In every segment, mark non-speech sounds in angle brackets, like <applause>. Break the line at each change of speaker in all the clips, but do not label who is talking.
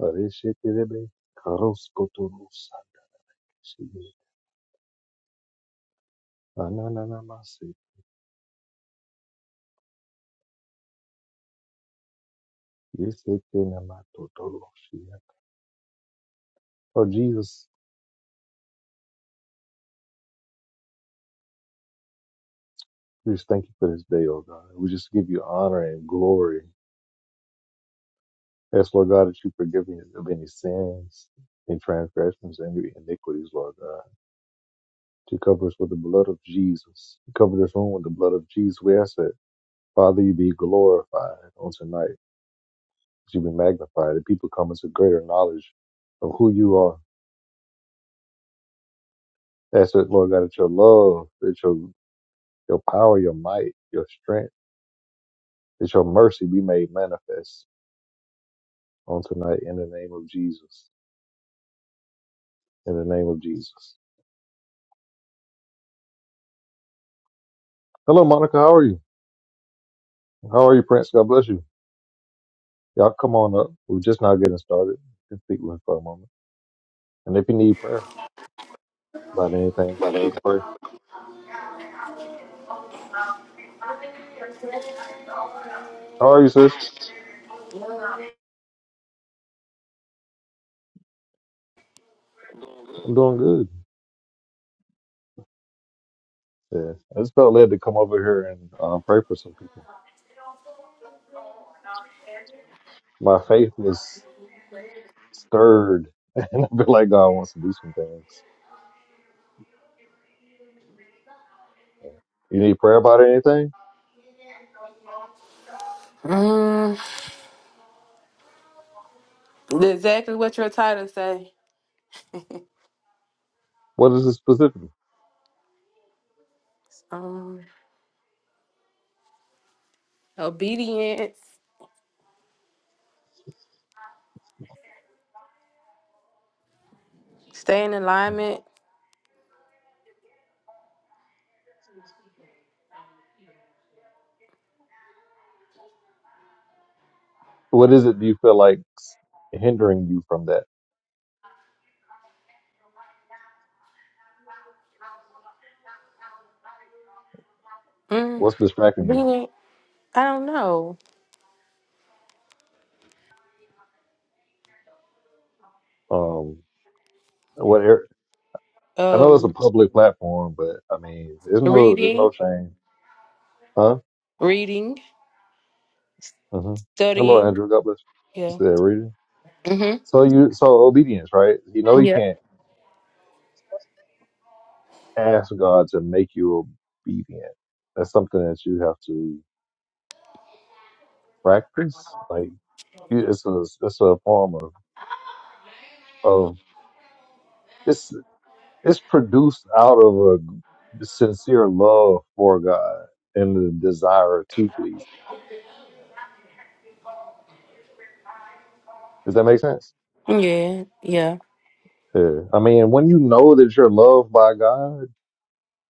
Arishetelebe, karoskotorusa, shiye, ananamase, yesetenamatotoroshia. Oh, Jesus, we just thank you for this day, oh God. We just give you honor and glory. Ask, Lord God, that you forgive me of any sins and transgressions and any iniquities, Lord God. To cover us with the blood of Jesus. To cover this room with the blood of Jesus. We ask that, Father, you be glorified on tonight. You be magnified. That people come into greater knowledge of who you are That's it, Lord God, that your love, that your your power, your might, your strength, that your mercy be made manifest on tonight in the name of Jesus. In the name of Jesus. Hello, Monica. How are you? How are you, Prince? God bless you. Y'all come on up. We're just now getting started. Just speak with us for a moment. And if you need prayer about anything, we can pray. How are you, sis? I'm doing good. Yeah. I just felt led to come over here and um, pray for some people. My faith was stirred, <laughs> and I feel like God wants to do some things. You need prayer about anything?
Mm, exactly what your title say.
What is it specifically?
Um, obedience, stay in alignment.
What is it do you feel like hindering you from that?
Mm,
What's distracting you?
obedient. I don't know.
Um, what ar- I know it's a
Um,
public platform, but I mean, there's no there's no
reading,
shame, huh?
reading,
hmm Hello,
studying.
Andrew. God bless. You
Yeah.
said reading.
Mm-hmm.
So you so obedience, right? You know you
Yeah.
can't ask God to make you obedient. That's something that you have to practice. Like you- it's a it's a form of of it's It's produced out of a sincere love for God and the desire to please. Him. Does that make sense?
Yeah. Yeah.
Yeah. I mean, when you know that you're loved by God,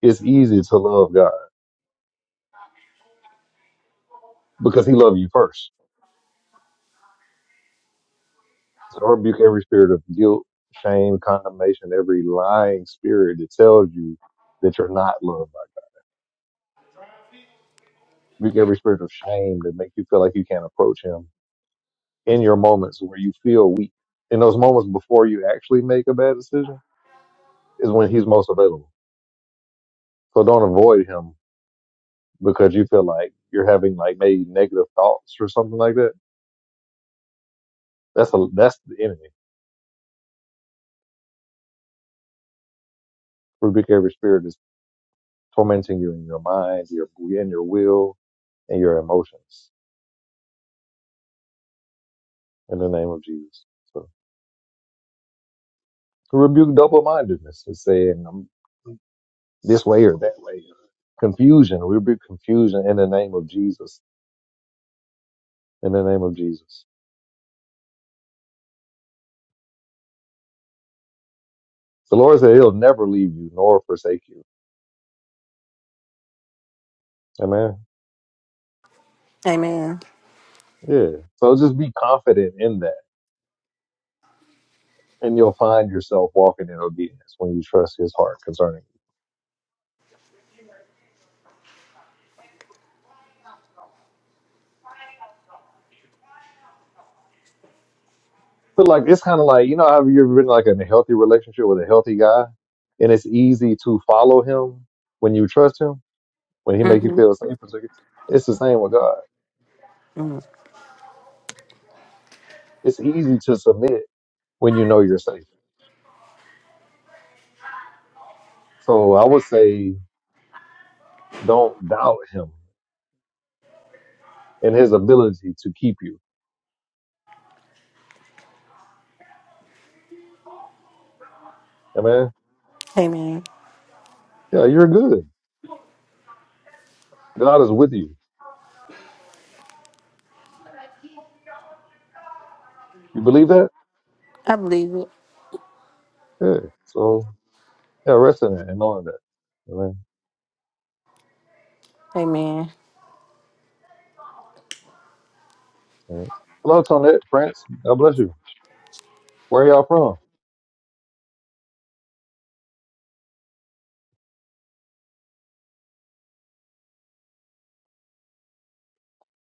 it's easy to love God because He loved you first. So I rebuke every spirit of guilt, shame, condemnation, every lying spirit that tells you that you're not loved by God. Rebuke every spirit of shame that make you feel like you can't approach Him in your moments where you feel weak. In those moments before you actually make a bad decision is when He's most available So don't avoid him because you feel like you're having like maybe negative thoughts or something like that. That's a that's the enemy. Rebuke every spirit is tormenting you in your mind, your in your will, and your emotions. In the name of Jesus. So rebuke double mindedness and saying I'm this way or that way. Confusion. We rebuke confusion in the name of Jesus. In the name of Jesus. The Lord said He'll never leave you nor forsake you. Amen.
Amen.
Yeah. So just be confident in that and you'll find yourself walking in obedience when you trust his heart concerning you. But like it's kind of like you know have you ever been like in a healthy relationship with a healthy guy, and it's easy to follow him when you trust him when he make you
Mm-hmm.
feel safe. It's like- it's the same with God.
Mm.
It's easy to submit when you know you're safe. So I would say don't doubt him and his ability to keep you. Amen.
Amen.
Yeah, you're good. God is with you. You believe that?
I believe it.
Yeah. So yeah, rest in that and knowing that. Amen.
Amen.
Alright. Hello, Tonette, Prince. God bless you. Where y'all from?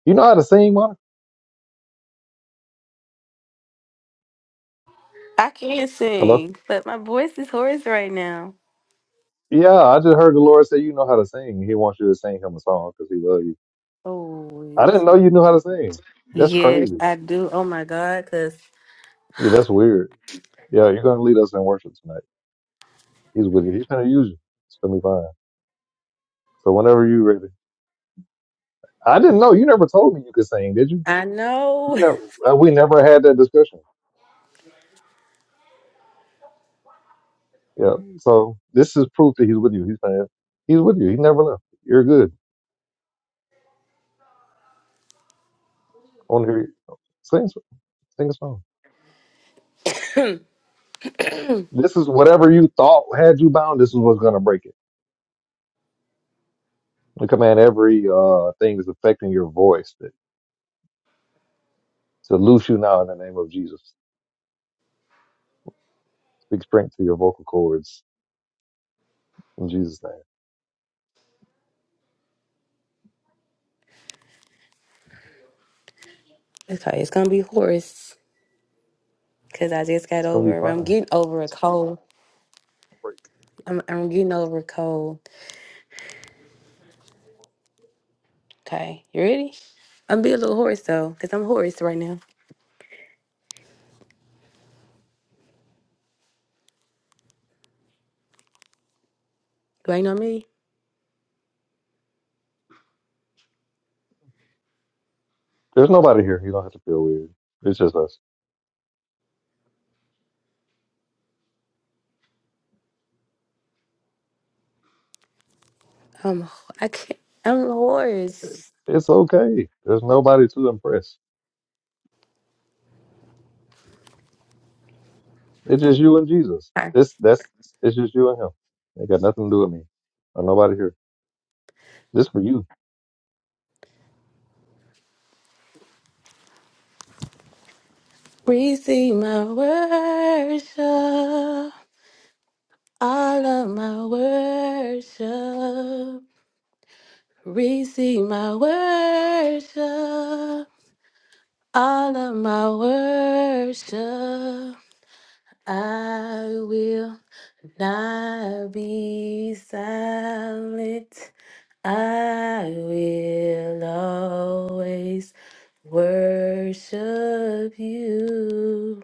You know how to sing, Monica?
I can't
Hello?
sing, but my voice is hoarse right now.
Yeah, I just heard the Lord say you know how to sing. He wants you to sing him a song because he loves you. I
Oh,
didn't know you knew how to sing. That's
yes,
crazy.
I do. Oh my God, cause
Yeah, that's weird. Yeah, you're going to lead us in worship tonight. He's with you. He's going to use you. It's going to be fine. So whenever you ready. I didn't know. You never told me you could sing, did you?
I know. <laughs>
We never, uh, we never had that discussion. Yeah. So this is proof that he's with you. He's saying, he's with you. He never left. You're good. I want to hear you. Sing, sing a song. This is whatever you thought had you bound. This is what's going to break it. We command every uh, thing that's affecting your voice to, to loose you now in the name of Jesus. Speak strength to your vocal cords in Jesus' name.
Okay, it's gonna be hoarse because I just got
It's going to be
over. I'm
fine.
getting over a cold.
Break.
I'm I'm getting over a cold. Okay, you ready? I'm be a little hoarse though, cause I'm hoarse right now. Do I know me?
There's nobody here. You don't have to feel weird. It's just us.
I'm ho- I can't. I'm hoarse.
It's okay. There's nobody to impress. It's just you and Jesus.
Alright.
It's that's it's just you and him. They got nothing to do with me. Or nobody here. This for you.
Receive my worship, all of my worship. Receive my worship, all of my worship. I will. Not be silent. I will always worship you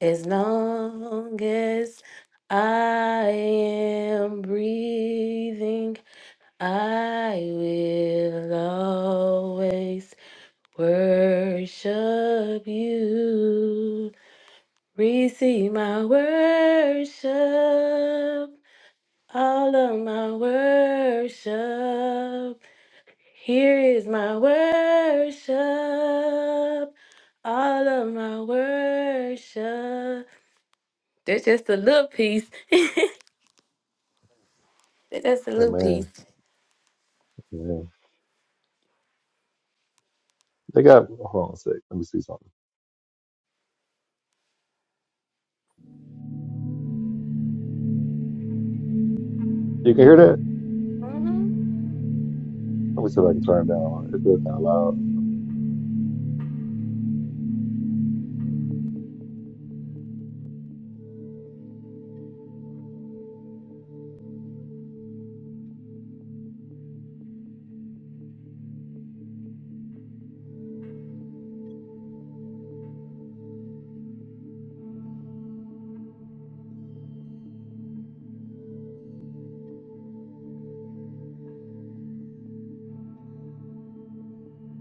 as long as I am breathing. I will always worship you. Receive my worship. All of my worship, here is my worship. All of my worship. That's just a little piece. That's a little
Amen.
piece.
Amen. They got hold on a sec. Let me see something. You can hear that?
hmm
Let me see if I can turn it down. It does sound loud.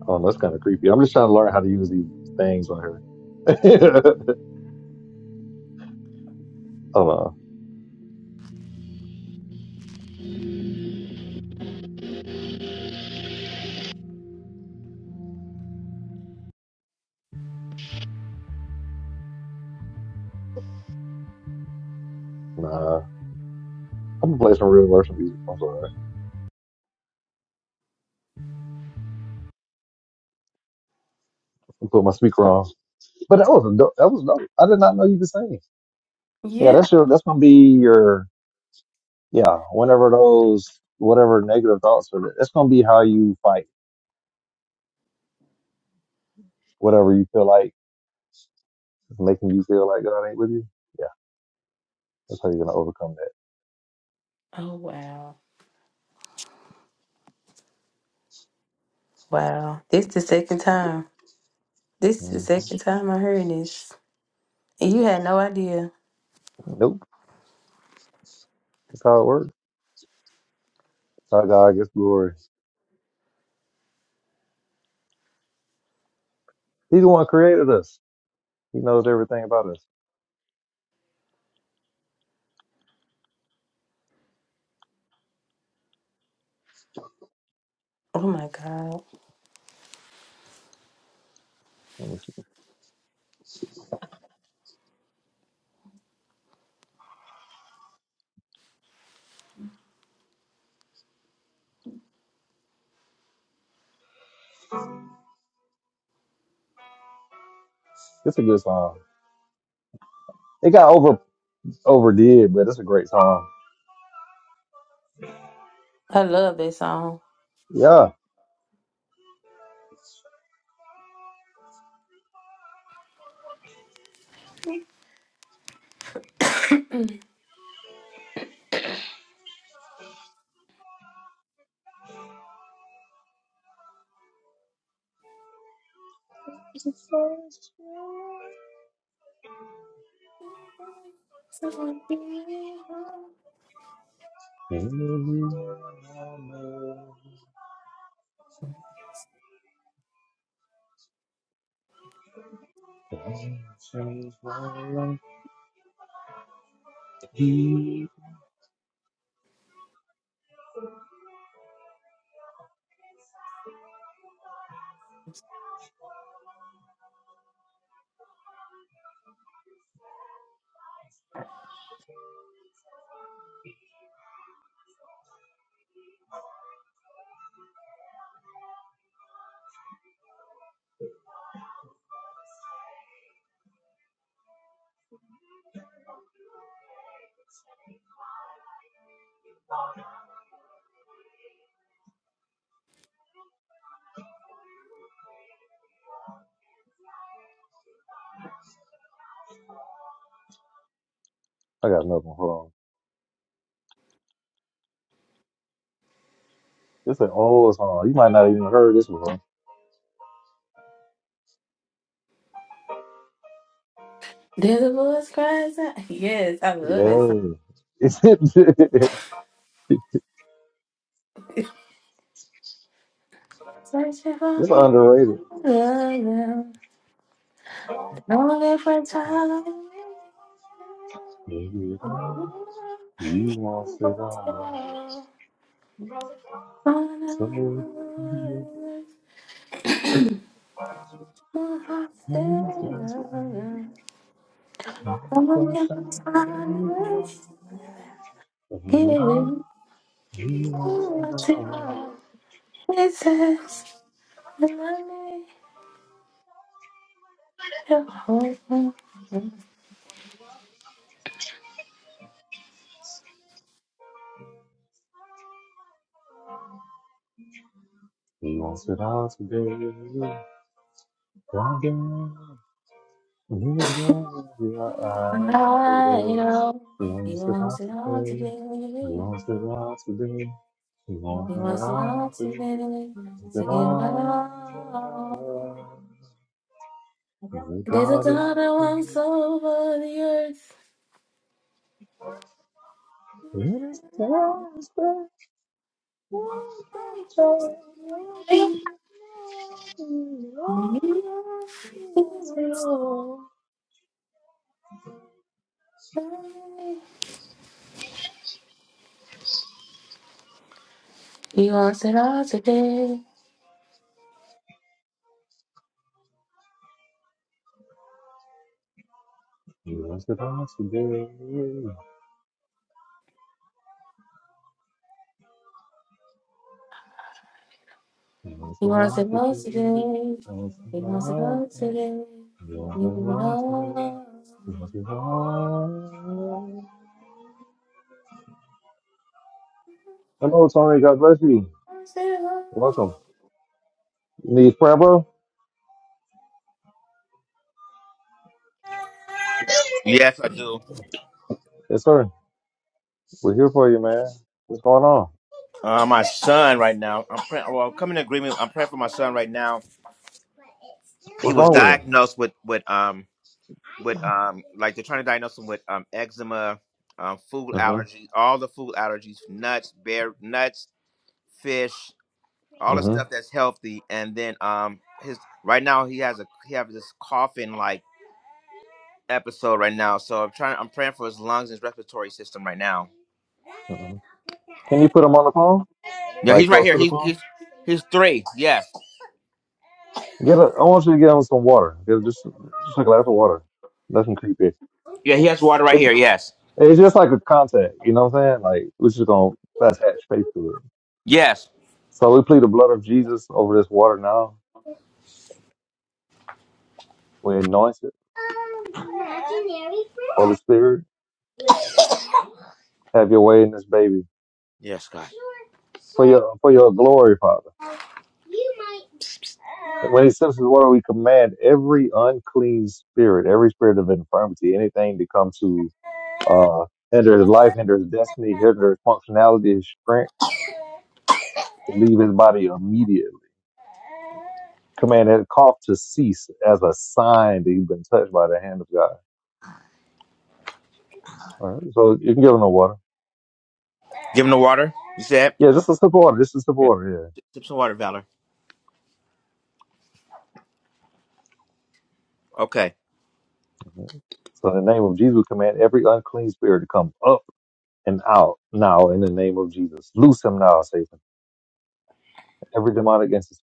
Oh, that's kind of creepy. I'm just trying to learn how to use these things on here. <laughs> Oh no, Nah. I'm gonna play some real worship music. I'm sorry. i put my speaker on. But that was a dope. That was dope. I did not know you could sing. Yeah,
Yeah.
that's your. That's gonna be your. Yeah, whenever those whatever negative thoughts are, that's gonna be how you fight whatever you feel like is making you feel like God ain't with you. Yeah, that's how you're gonna overcome
Oh wow, wow! This the second time. This the
that. hmm
second time I heard this, and you had no idea.
Nope. That's how it works. That's how God gets glory. He's the one who created us. He knows everything about us.
Oh my god,
Let me see. It's a good song. It got over overdid, but it's a great song.
I love that song.
Yeah.
Someone be home.
I got another one. Hold on. It's an old song. You might not even heard this one.
There's a voice cries out. Yes, I love that
Yeah. <laughs> It's
Searching for who
underrated.
I am, longing for a time.
Maybe it all, it all. So he is just be not the shadow of you. He wants it all.
It says, "Let me your home."
lost without today. We're
I know you want it all to be.
Los pedazos de
He wants it all today, to give it
dragón,
all. There's a
gladiadores.
God that
Los
wants
pedazos
over the earth.
de, los pedazos de,
He wants it all today.
los pedazos de dragón. today. Los
He wants it
pedazos
all
de,
today.
los
He wants it
pedazos
all today.
de, los pedazos de, los
Give it all. He
pedazos de, los pedazos today. Lost without today. Hello, Tony. God bless you.
wants it all.
Welcome. Need prayer, bro?
Yes, I do.
Yes, sir. We're here for you, man. What's going on?
Uh, my son right now. I'm praying. Well, I'm coming in agreement. I'm praying for my son right now. He
What's
was
wrong with
diagnosed with with um with um like they're trying to diagnose him with um eczema, um food
him?
allergies, all the food allergies, nuts, bear nuts, fish,
Mm-hmm.
all the stuff
Mm-hmm.
that's healthy. And then um his right now he has a he has this coughing like episode right now. So I'm trying. I'm praying for his lungs and his respiratory system right now.
Mm-hmm. Can you put him on the phone?
Yeah,
Like
he's right
close
here.
to the
He's
phone?
he's he's three. Yes.
Get a, I want you to get him some water. Get just just a glass of water. Nothing creepy.
Yeah, he has water right
It's
here. Yes.
it's just like a contact. You know what I'm saying? Like we're just gonna attach faith to it.
Yes.
So we plead the blood of Jesus over this water now. We anoint it. Holy Spirit, have your way in this baby
Yes, God.
for your for your glory, Father. And when he sends his water, we command every unclean spirit, every spirit of infirmity, anything to come to uh, hinder his life, hinder his destiny, hinder his functionality, his strength, to leave his body immediately. Command that cough to cease as a sign that you've been touched by the hand of God. All right, so you can give him the water.
Give him the water. You said.
Yeah, just a sip of water. Just a sip of
Yeah.
water.
Sip some water, Valor. Okay.
Yeah. Mhm. So in the name of Jesus, we command every unclean spirit to come up and out now. In the name of Jesus, loose him now, Satan. Every demonic entity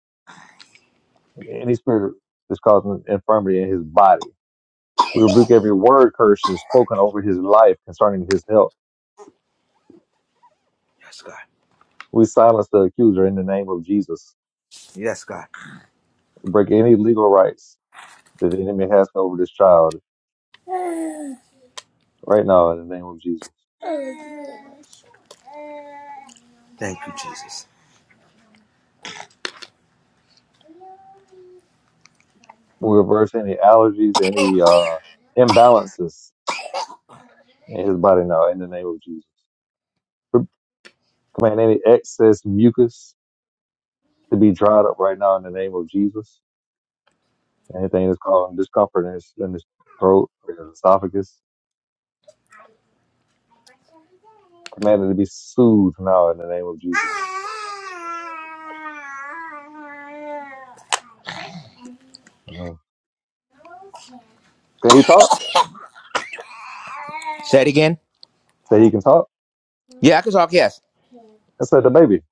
Any spirit that's causing infirmity in his body. We rebuke every word curse is spoken over his life concerning his health.
Yes, God.
We silence the accuser in the name of Jesus.
Yes, God.
Break any legal rights that the enemy has over this child right now in the name of Jesus.
Thank you, Jesus.
We reverse any allergies, any uh, imbalances in his body now in the name of Jesus. We Command any excess mucus to be dried up right now in the name of Jesus. Anything that's causing discomfort in his, in his throat or his esophagus commanded to be soothed now in the name of Jesus. Mhm. Can he talk?
Say it again.
Say he can talk.
Yeah, I can talk. Yes.
I said the baby.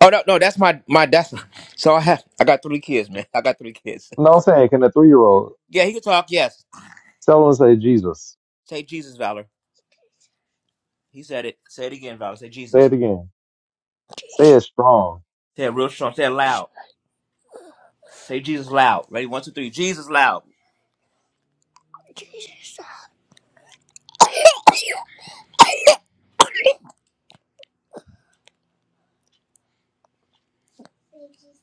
Oh no, no, that's my my that's <laughs> so I have I got three kids, man. <laughs> I got three kids.
No, I'm saying, can a three year old
Yeah, he can talk. Yes.
tell him to say Jesus?
Say Jesus, Valor. He said it. Say it again, Valor. Say
Say
Jesus.
it again. Say it strong.
Say it real strong. Say it loud. Say Jesus loud. Ready? One, two, three. Jesus loud. Jesus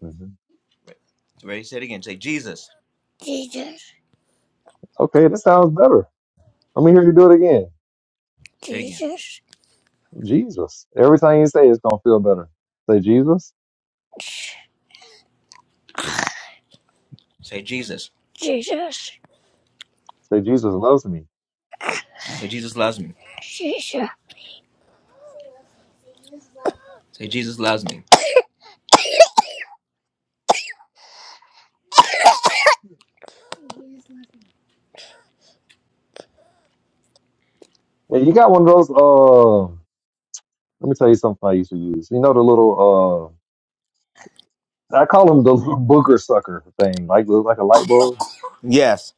Mhm.
Ready? Say it again. Say Jesus. Jesus.
Okay, that sounds better. Let me hear you do it again.
Say Jesus,
Jesus. Every time you say it, it's gonna feel better. Say Jesus.
say Jesus. Jesus,
Say Jesus loves me.
Say Jesus loves me. Jesus. Say Jesus loves me.
Yeah, you got one of those. Uh, let me tell you something I used to use. You know the little. Uh, I call them the little booger sucker thing, like like a light bulb.
Yes.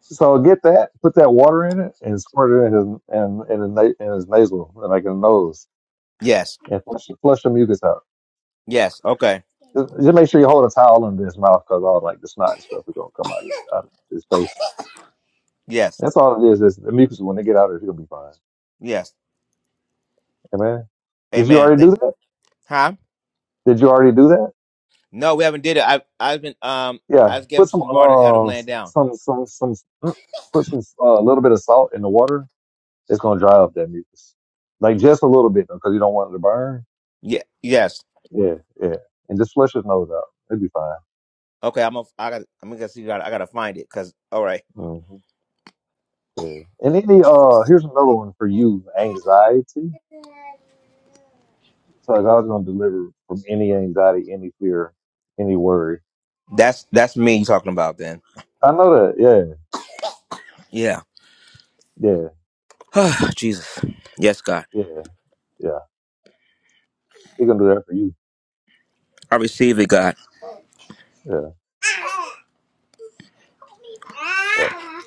So get that, put that water in it, and squirt it in his in, in his, na- in his nasal, and like his nose,
Yes.
and flush, flush the mucus out.
Yes. Okay.
Just, just make sure you hold a towel under his mouth because all like the snot and stuff is gonna come out of, out of his face.
Yes.
That's all it is. Is the mucus when they get out of it, he'll be fine.
Yes.
Amen. Did you
Amen.
already do
Thank.
that?
Huh?
Did you already do that?
No, we haven't did it. I've I've been um
Yeah.
I just gave
Put
him
some
some water and had him
uh
laying down.
some some some mm, put some uh, a little bit of salt in the water. It's gonna dry up that mucus, like just a little bit though, because you don't want it to burn
Yeah. Yes.
Yeah, yeah. And just flush his nose out. It'd be fine.
Okay. I'm a, I got. I'm gonna see. I gotta find it. Cause all right.
hmm Yeah. And any uh here's another one for you, anxiety. So like I was gonna deliver from any anxiety, any fear, any worry.
That's that's me you talking about then.
I know that, yeah,
Yeah.
yeah,
<sighs> Jesus. Yes, God.
yeah, yeah. He gonna do that for you.
I receive it, God.
Yeah, yeah.
I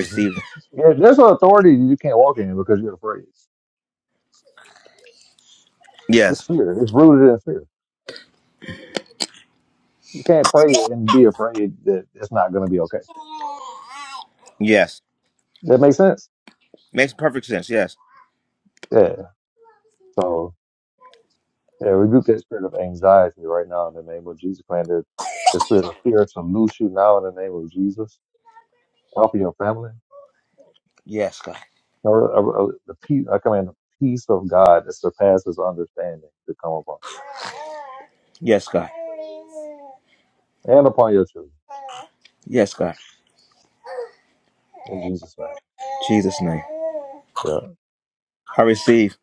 hmm
it.
Yeah, there's an authority you can't walk in because you're afraid. It's
Yes.
fear. It's rooted in fear. You can't pray and be afraid that it's not gonna be okay.
Yes.
That makes sense?
Makes perfect sense. Yes.
Yeah. So. Yeah, rebuke that spirit of anxiety right now in the name of Jesus. Command that the spirit of fear to loose you now in the name of Jesus. Offer your family.
Yes, God.
Lord, uh, uh, the peace, I command the peace of God that surpasses understanding to come upon
Yes, God.
you and upon your children
Yes, God.
in Jesus' name.
Jesus' name.
Yeah,
I receive.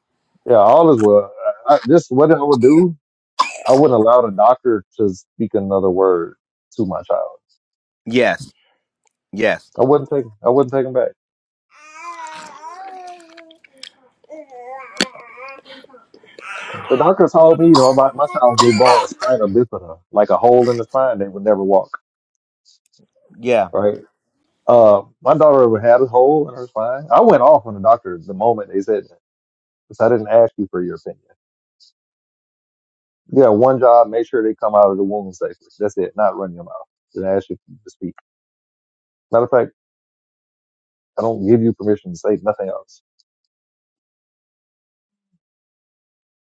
yeah, all is well. I, I, this what I would do. I wouldn't allow the doctor to speak another word to my child.
Yes. Yes.
I wouldn't take. I wouldn't take him back. The doctor told me, you know, my, my child would be born with spina bifida, like a hole in the spine. They would never walk
Yeah.
right? Uh, my daughter had a hole in her spine. I went off on the doctor the moment they said that because I didn't ask you for your opinion. You got one job, make sure they come out of the womb safely. That's it, not run your mouth. Didn't ask you to speak. Matter of fact, I don't give you permission to say nothing else.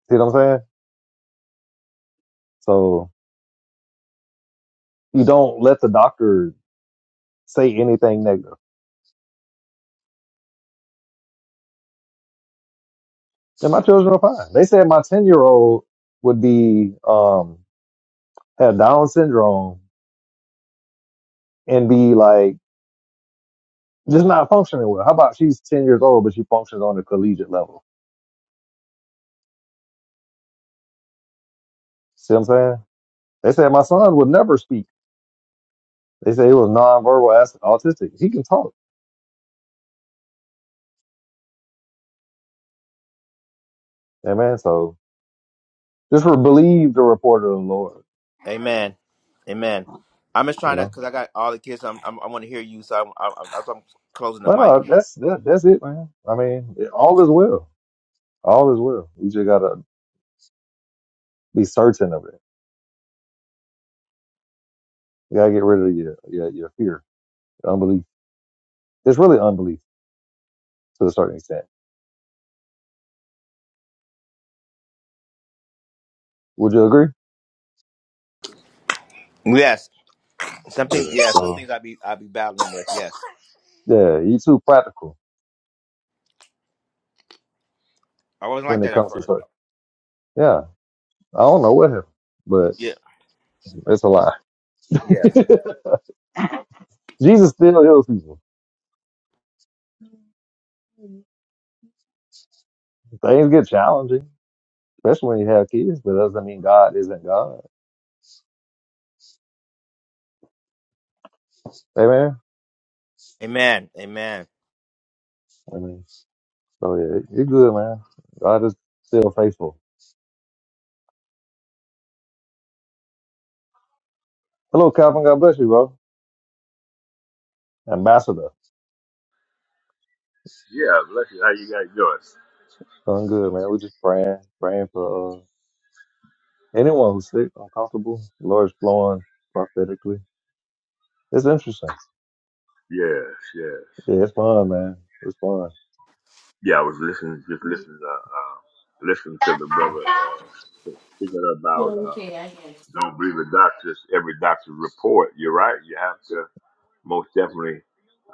See what I'm saying? So you don't let the doctor say anything negative. And my children are fine. They said my 10 year old would be, um, had Down syndrome and be like, just not functioning well. How about she's 10 years old, but she functions on a collegiate level? See what I'm saying? They said my son would never speak. They said he was nonverbal as- autistic. He can talk. Amen. So just re- believe the report of the Lord,
Amen. Amen. I'm just
you
trying to
know.
because I got all the kids. so I'm, I'm I want to hear you, so I'm, I'm, I'm, that's why I'm closing the
But
mic.
uh, that's that, that's it, man. I mean, it, all is well. All is well. You just gotta be certain of it. You gotta get rid of your your, your fear, your unbelief. It's really unbelief to a certain extent. Would you agree?
Yes, something.
Yeah.
Yeah, some
So
things I be I be battling with. Yes,
yeah, you too practical
I wasn't
when
like
it
that at
comes to
first.
certain. Yeah. I don't know what happened, but
Yeah.
it's a lie. <laughs>
Yeah.
Jesus still heals people. Things get challenging, especially when you have kids, but that doesn't mean God isn't God. Amen.
Amen. Amen.
I mean, so yeah, you're good, man. God is still faithful. Hello, Calvin. God bless you, bro. Ambassador.
Yeah, bless you. How you guys doing?
Doing good, man. We're just praying, praying for uh, anyone who's sick, uncomfortable. The Lord's flowing prophetically. It's interesting.
Yes, yes.
Yeah, it's fun, man. It's fun.
Yeah, I was listening, just listening, uh, uh, listening to the brother uh, speaking about
Well,
uh,
okay, I guess.
don't believe the doctors, every doctor's report. You're right. You have to most definitely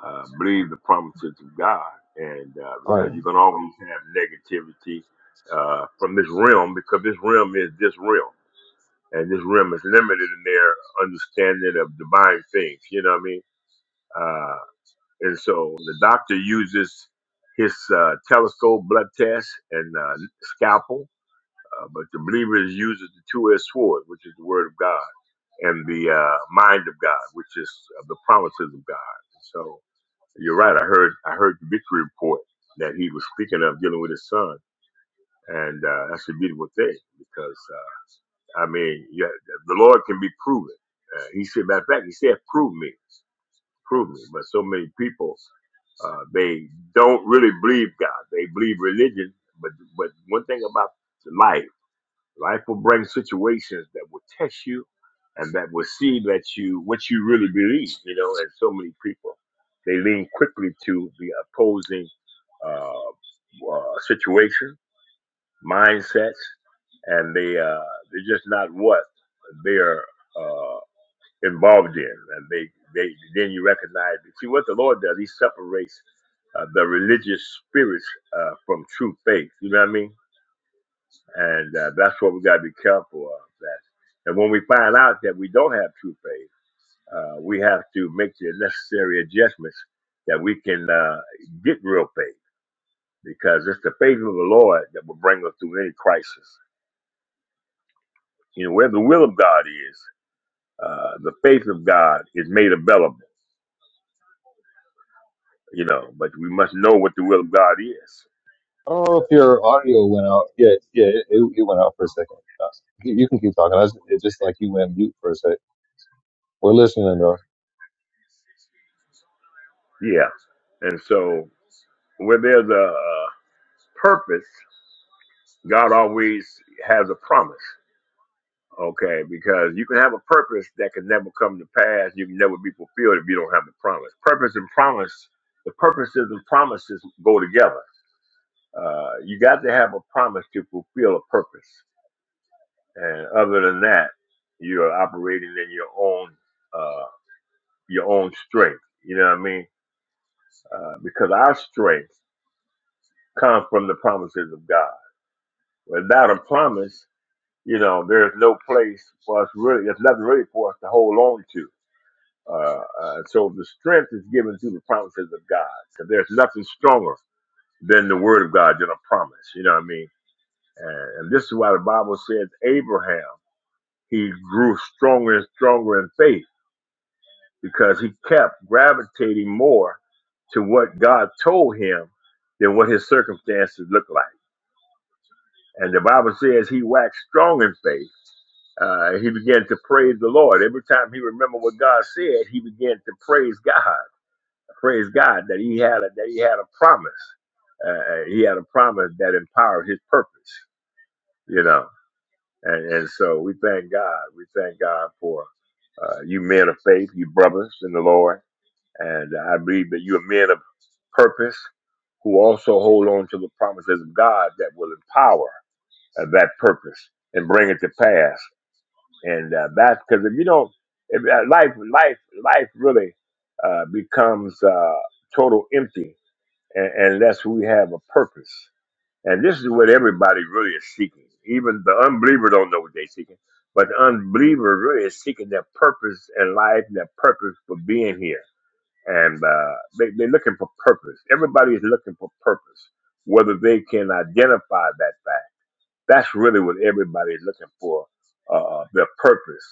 uh, believe the promises of God, and uh,
All right.
because you can always have negativity uh, from this realm, because this realm is this realm, and this realm is limited in their understanding of divine things. You know what I mean? Uh, And so the doctor uses his uh, telescope, blood test, and uh, scalpel, uh, but the believer uses the two-edged sword, which is the word of God, and the uh, mind of God, which is uh, the promises of God. So you're right. I heard I heard the victory report that he was speaking of dealing with his son, and uh, that's a beautiful thing because uh, I mean, yeah, the Lord can be proven. Uh, he said, matter of fact, he said, "Prove me." improvement. But so many people, uh, they don't really believe God. They believe religion. But but one thing about life, life will bring situations that will test you, and that will see that you what you really believe. You know, and so many people they lean quickly to the opposing uh, uh, situation, mindsets, and they uh, they're just not what they are. uh, involved in. And they, they then you recognize see what the Lord does. He separates uh, the religious spirits uh, from true faith. You know what I mean? And uh, that's what we got to be careful of. That and when we find out that we don't have true faith, uh, we have to make the necessary adjustments that we can uh, get real faith because it's the faith of the Lord that will bring us through any crisis. You know, where the will of God is, uh, the faith of God is made available you know, but we must know what the will of God is.
I don't know if your audio went out. Yeah, yeah, it, it it went out for a second. Uh, you you can keep talking. I was, it's just like you went mute for a sec. We're listening though.
Yeah. And so when there's a, a purpose, God always has a promise. Okay, because you can have a purpose that can never come to pass. You can never be fulfilled if you don't have a promise. Purpose and promise, the purposes and promises go together. Uh, you got to have a promise to fulfill a purpose, and other than that, you're operating in your own uh, your own strength. You know what I mean? uh, because our strength comes from the promises of God. Without a promise, you know, there's no place for us really, there's nothing really for us to hold on to. Uh, uh, so the strength is given through the promises of God. Because there's nothing stronger than the word of God than a promise. You know what I mean? And, and this is why the Bible says Abraham, he grew stronger and stronger in faith because he kept gravitating more to what God told him than what his circumstances looked like. And the Bible says he waxed strong in faith. Uh, he began to praise the Lord. Every time he remembered what God said, he began to praise God. Praise God that he had a, that he had a promise. Uh, he had a promise that empowered his purpose. You know, and, and so we thank God. We thank God for uh, you men of faith, you brothers in the Lord, and I believe that you are men of purpose who also hold on to the promises of God that will empower uh, that purpose and bring it to pass. and uh, that's because if you don't, if uh, life, life, life really uh, becomes uh, total empty un- unless we have a purpose. And this is what everybody really is seeking. Even the unbeliever don't know what they're seeking, but the unbeliever really is seeking their purpose in life, and their purpose for being here. And uh, they, they're looking for purpose. Everybody is looking for purpose, whether they can identify that fact that's really what everybody is looking for, uh, uh, their purpose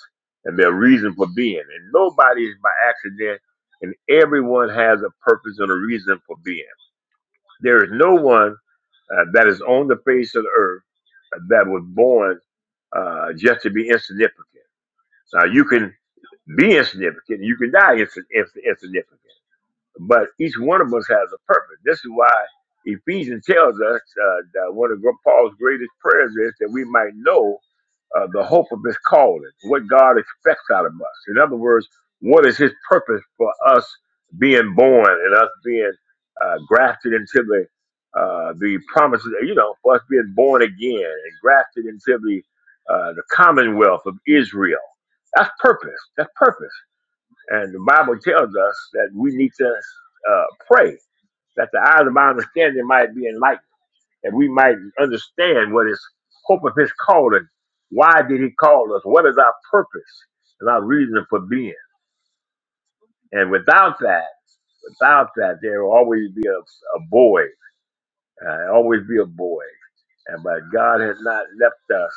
and their reason for being. And nobody is by accident, and everyone has a purpose and a reason for being. There is no one uh, that is on the face of the earth uh, that was born uh, just to be insignificant. Now, you can be insignificant, you can die ins- ins- insignificant, but each one of us has a purpose. This is why Ephesians tells us uh, that one of Paul's greatest prayers is that we might know uh, the hope of his calling, what God expects out of us. In other words, what is his purpose for us being born and us being uh, grafted into the uh, the promises, you know, for us being born again and grafted into the uh, the commonwealth of Israel. That's purpose. That's purpose. And the Bible tells us that we need to uh, pray that the eyes of my understanding might be enlightened and we might understand what is hope of his calling. Why did he call us? What is our purpose and our reason for being? And without that, without that, there will always be a, a void, uh, always be a void. And but God has not left us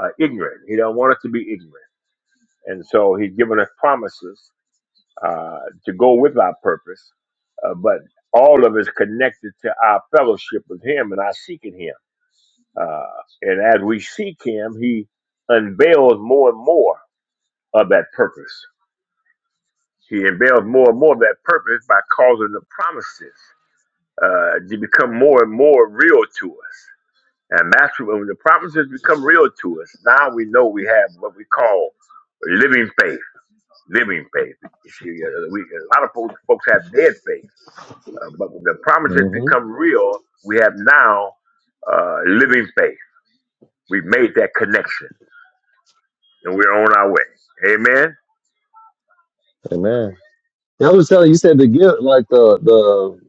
uh, ignorant. He don't want us to be ignorant. And so He's given us promises uh, to go with our purpose, uh, but all of it's connected to our fellowship with Him and our seeking Him Uh, and as we seek him, he unveils more and more of that purpose. He unveils more and more of that purpose by causing the promises uh, to become more and more real to us. And that's when the promises become real to us. Now we know we have what we call living faith. Living faith. You see, uh, we, a lot of folks, folks have dead faith, uh, but when the promises
Mm-hmm.
become real, we have now uh, living faith. We've made that connection and we're on our way. Amen.
Amen. Yeah, I was telling you you said the gift, like the the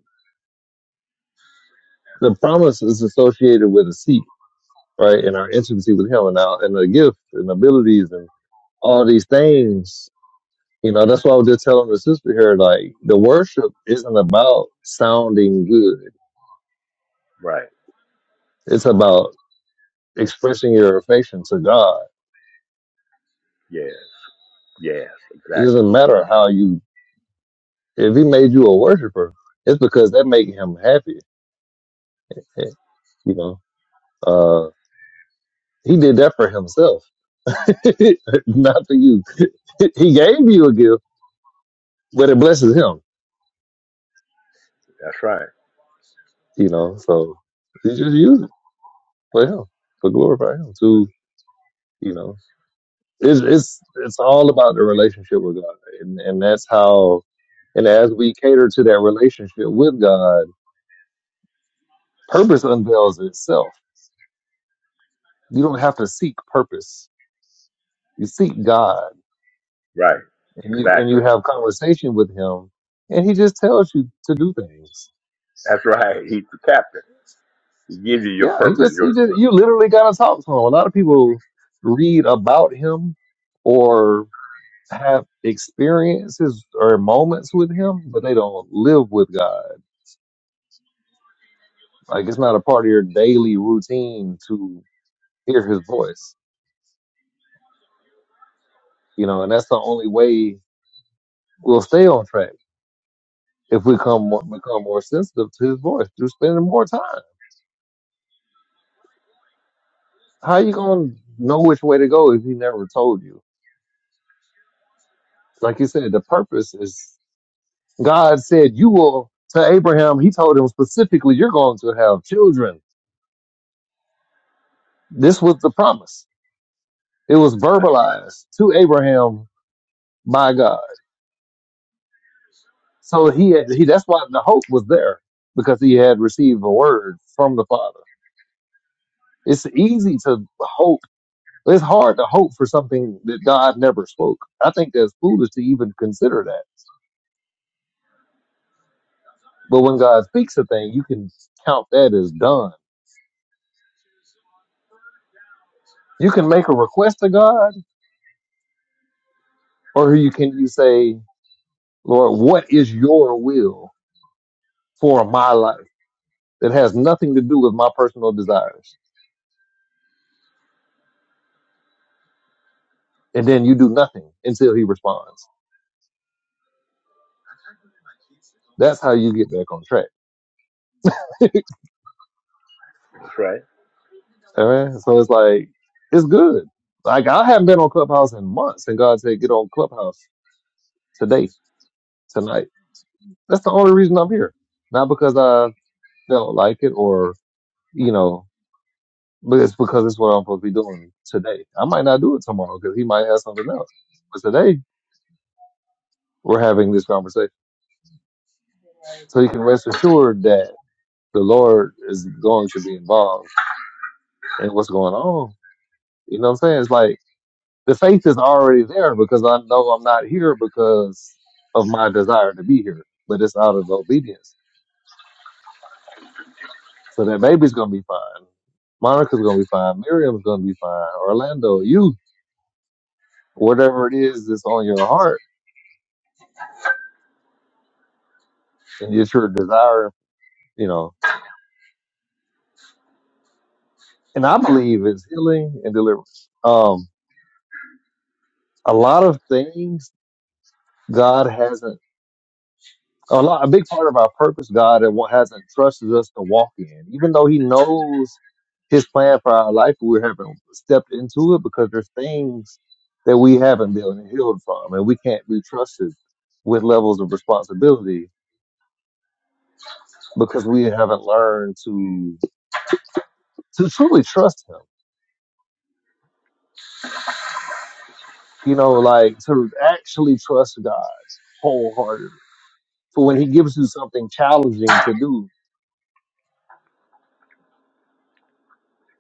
the promise is associated with a seat, right? And our intimacy with Him, and our and the gift and abilities and all these things. You know, that's why I was just telling the sister here, like the worship isn't about sounding good.
Right.
It's about expressing your affection to God.
Yes. Yes.
It
Exactly.
doesn't matter how you. If He made you a worshiper, it's because that made Him happy. <laughs> You know. Uh, He did that for himself, <laughs> not for you. <laughs> He gave you a gift, but it blesses him,
That's right.
you know. So he just use it for him, for glorify him. To you know, it's it's it's all about the relationship with God, and and that's how. And as we cater to that relationship with God, purpose unveils itself. You don't have to seek purpose. You seek God
Right.
and you, and you
Exactly.
have conversation with him and he just tells you to do things
That's right. He's the captain. He gives you your
Yeah, he
purpose.
just he
Your.
just you literally gotta talk to him. A lot of people read about him or have experiences or moments with him, but they don't live with God. Like it's not a part of your daily routine to hear his voice. You know, and that's the only way we'll stay on track if we come more, become more sensitive to his voice through spending more time. How you gonna know which way to go if he never told you? Like you said, the purpose is God said, You will, to Abraham, he told him specifically, You're going to have children. This was the promise. It was
That's right.
verbalized to Abraham by God. So he had, he, that's why the hope was there because he had received a word from the Father. It's easy to hope. It's hard to hope for something that God never spoke. I think that's foolish to even consider that. But when God speaks a thing, you can count that as done. You can make a request to God, or you can you say Lord, what is your will for my life that has nothing to do with my personal desires? And then you do nothing until he responds. That's how you get back on track. <laughs>
That's right.
Amen. So it's like, it's good. Like I haven't been on Clubhouse in months and God said, get on Clubhouse today, tonight. That's the only reason I'm here. Not because I felt like it or, you know, but it's because it's what I'm supposed to be doing today. I might not do it tomorrow because he might have something else. But today we're having this conversation. So you can rest assured that the Lord is going to be involved in what's going on. You know what I'm saying? It's like the faith is already there because I know I'm not here because of my desire to be here, but it's out of obedience. So that baby's going to be fine. Monica's going to be fine. Miriam's going to be fine. Orlando, you, whatever it is that's on your heart and it's your desire, you know. And I believe it's healing and deliverance. Um, a lot of things God hasn't. a lot a big part of our purpose god and what hasn't trusted us to walk in even though he knows his plan for our life we haven't stepped into it because there's things that we haven't been healed from and we can't be trusted with levels of responsibility because we haven't learned to to truly trust him you know like to actually trust god wholeheartedly for when he gives you something challenging to do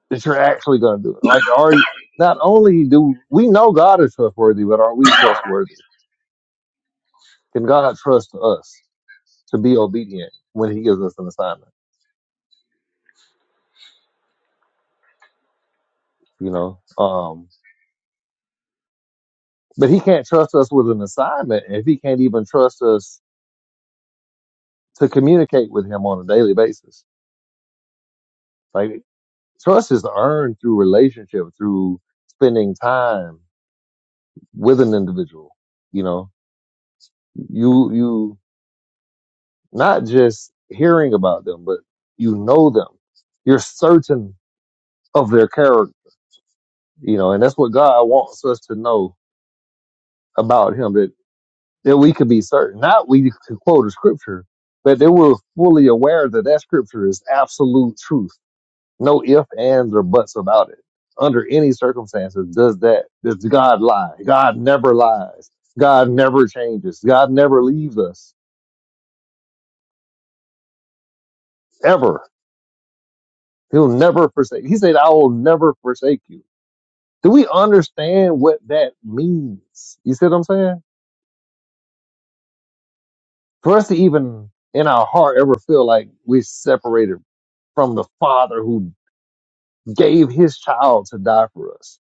that you're actually going to do it. Like, are you, not only do we know God is trustworthy, but are we trustworthy? Can God trust us to be obedient when he gives us an assignment? You know, um, but he can't trust us with an assignment if he can't even trust us to communicate with him on a daily basis. Like trust is earned through relationship, through spending time with an individual. You know, you, you, not just hearing about them, but you know them. You're certain of their character, you know, and that's what God wants us to know about Him that that we could be certain. Not we could quote a scripture, but that we're fully aware that that scripture is absolute truth. No ifs, ands, or buts about it. Under any circumstances, does that does God lie? God never lies. God never changes. God never leaves us ever. He'll never forsake. He said, "I will never forsake you." Do we understand what that means? You see what I'm saying? For us to even in our heart ever feel like we're separated from the Father who gave his child to die for us.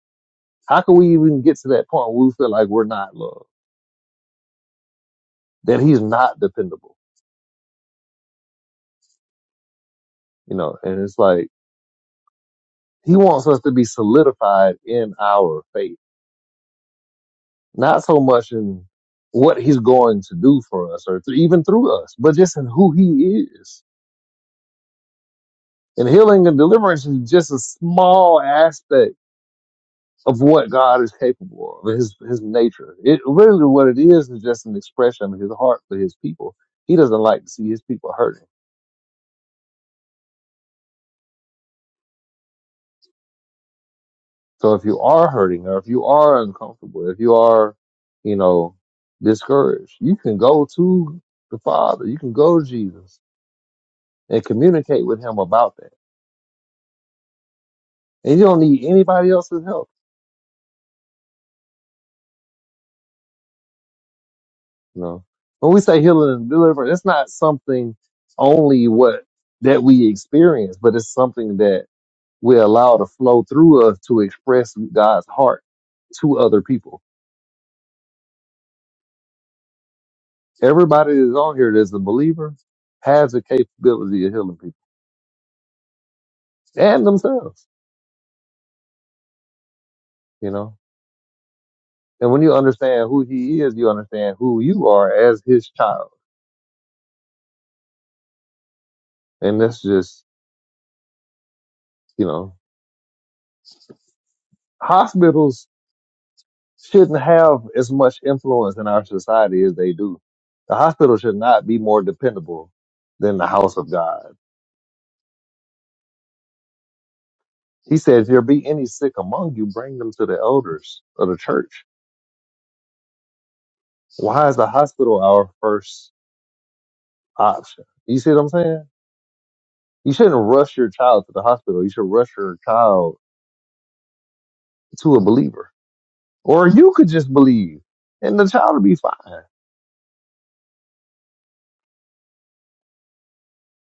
How can we even get to that point where we feel like we're not loved? That he's not dependable, you know? And it's like, he wants us to be solidified in our faith, not so much in what he's going to do for us or th- even through us, but just in who he is. And healing and deliverance is just a small aspect of what God is capable of, his his nature. It really what it is is just an expression of his heart for his people. He doesn't like to see his people hurting. So if you are hurting or if you are uncomfortable, if you are, you know, discouraged, you can go to the Father, you can go to Jesus and communicate with him about that. And you don't need anybody else's help. You know, when we say healing and deliverance, it's not something only what that we experience, but it's something that we allow to flow through us to express God's heart to other people. Everybody that's on here that's a believer has the capability of healing people and themselves, you know. And when you understand who he is, you understand who you are as his child. And that's just, you know, hospitals shouldn't have as much influence in our society as they do. The hospital should not be more dependable than the house of God. He said, if there be any sick among you, bring them to the elders of the church. Why is the hospital our first option? You see what I'm saying? You shouldn't rush your child to the hospital. You should rush your child to a believer. Or you could just believe and the child will be fine.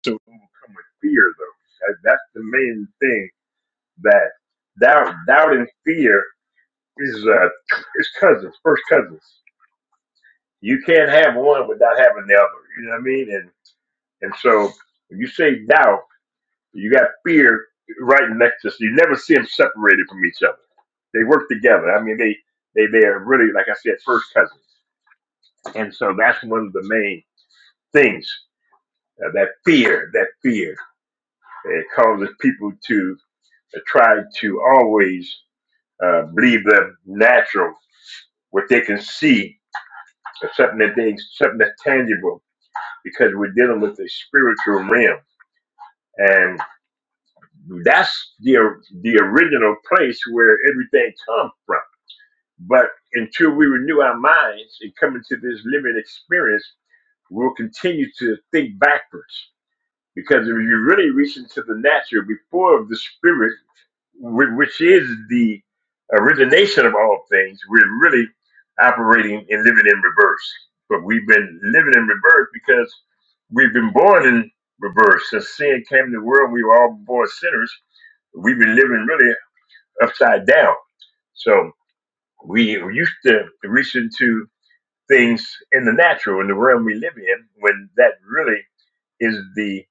to overcome with fear, though. That- That's the main thing that doubt, doubt and fear is uh, is cousins, first cousins. You can't have one without having the other. You know what I mean? And and so when you say doubt. You got fear right next to us. You never see them separated from each other. They work together. I mean, they they they are really, like I said, first cousins. And so that's one of the main things uh, that fear, that fear, it causes people to uh, try to always uh, believe them natural, what they can see, or something that they, something that's tangible, because we're dealing with the spiritual realm, and that's the the original place where everything comes from But until we renew our minds and come into this living experience, we'll continue to think backwards. Because if you really reach into the natural before the spirit, whi- which is the origination of all things, we're really operating and living in reverse. But we've been living in reverse because we've been born in reverse. Since sin came to the world, we were all born sinners. We've been living really upside down. So we used to reach into things in the natural, in the realm we live in, when that really is the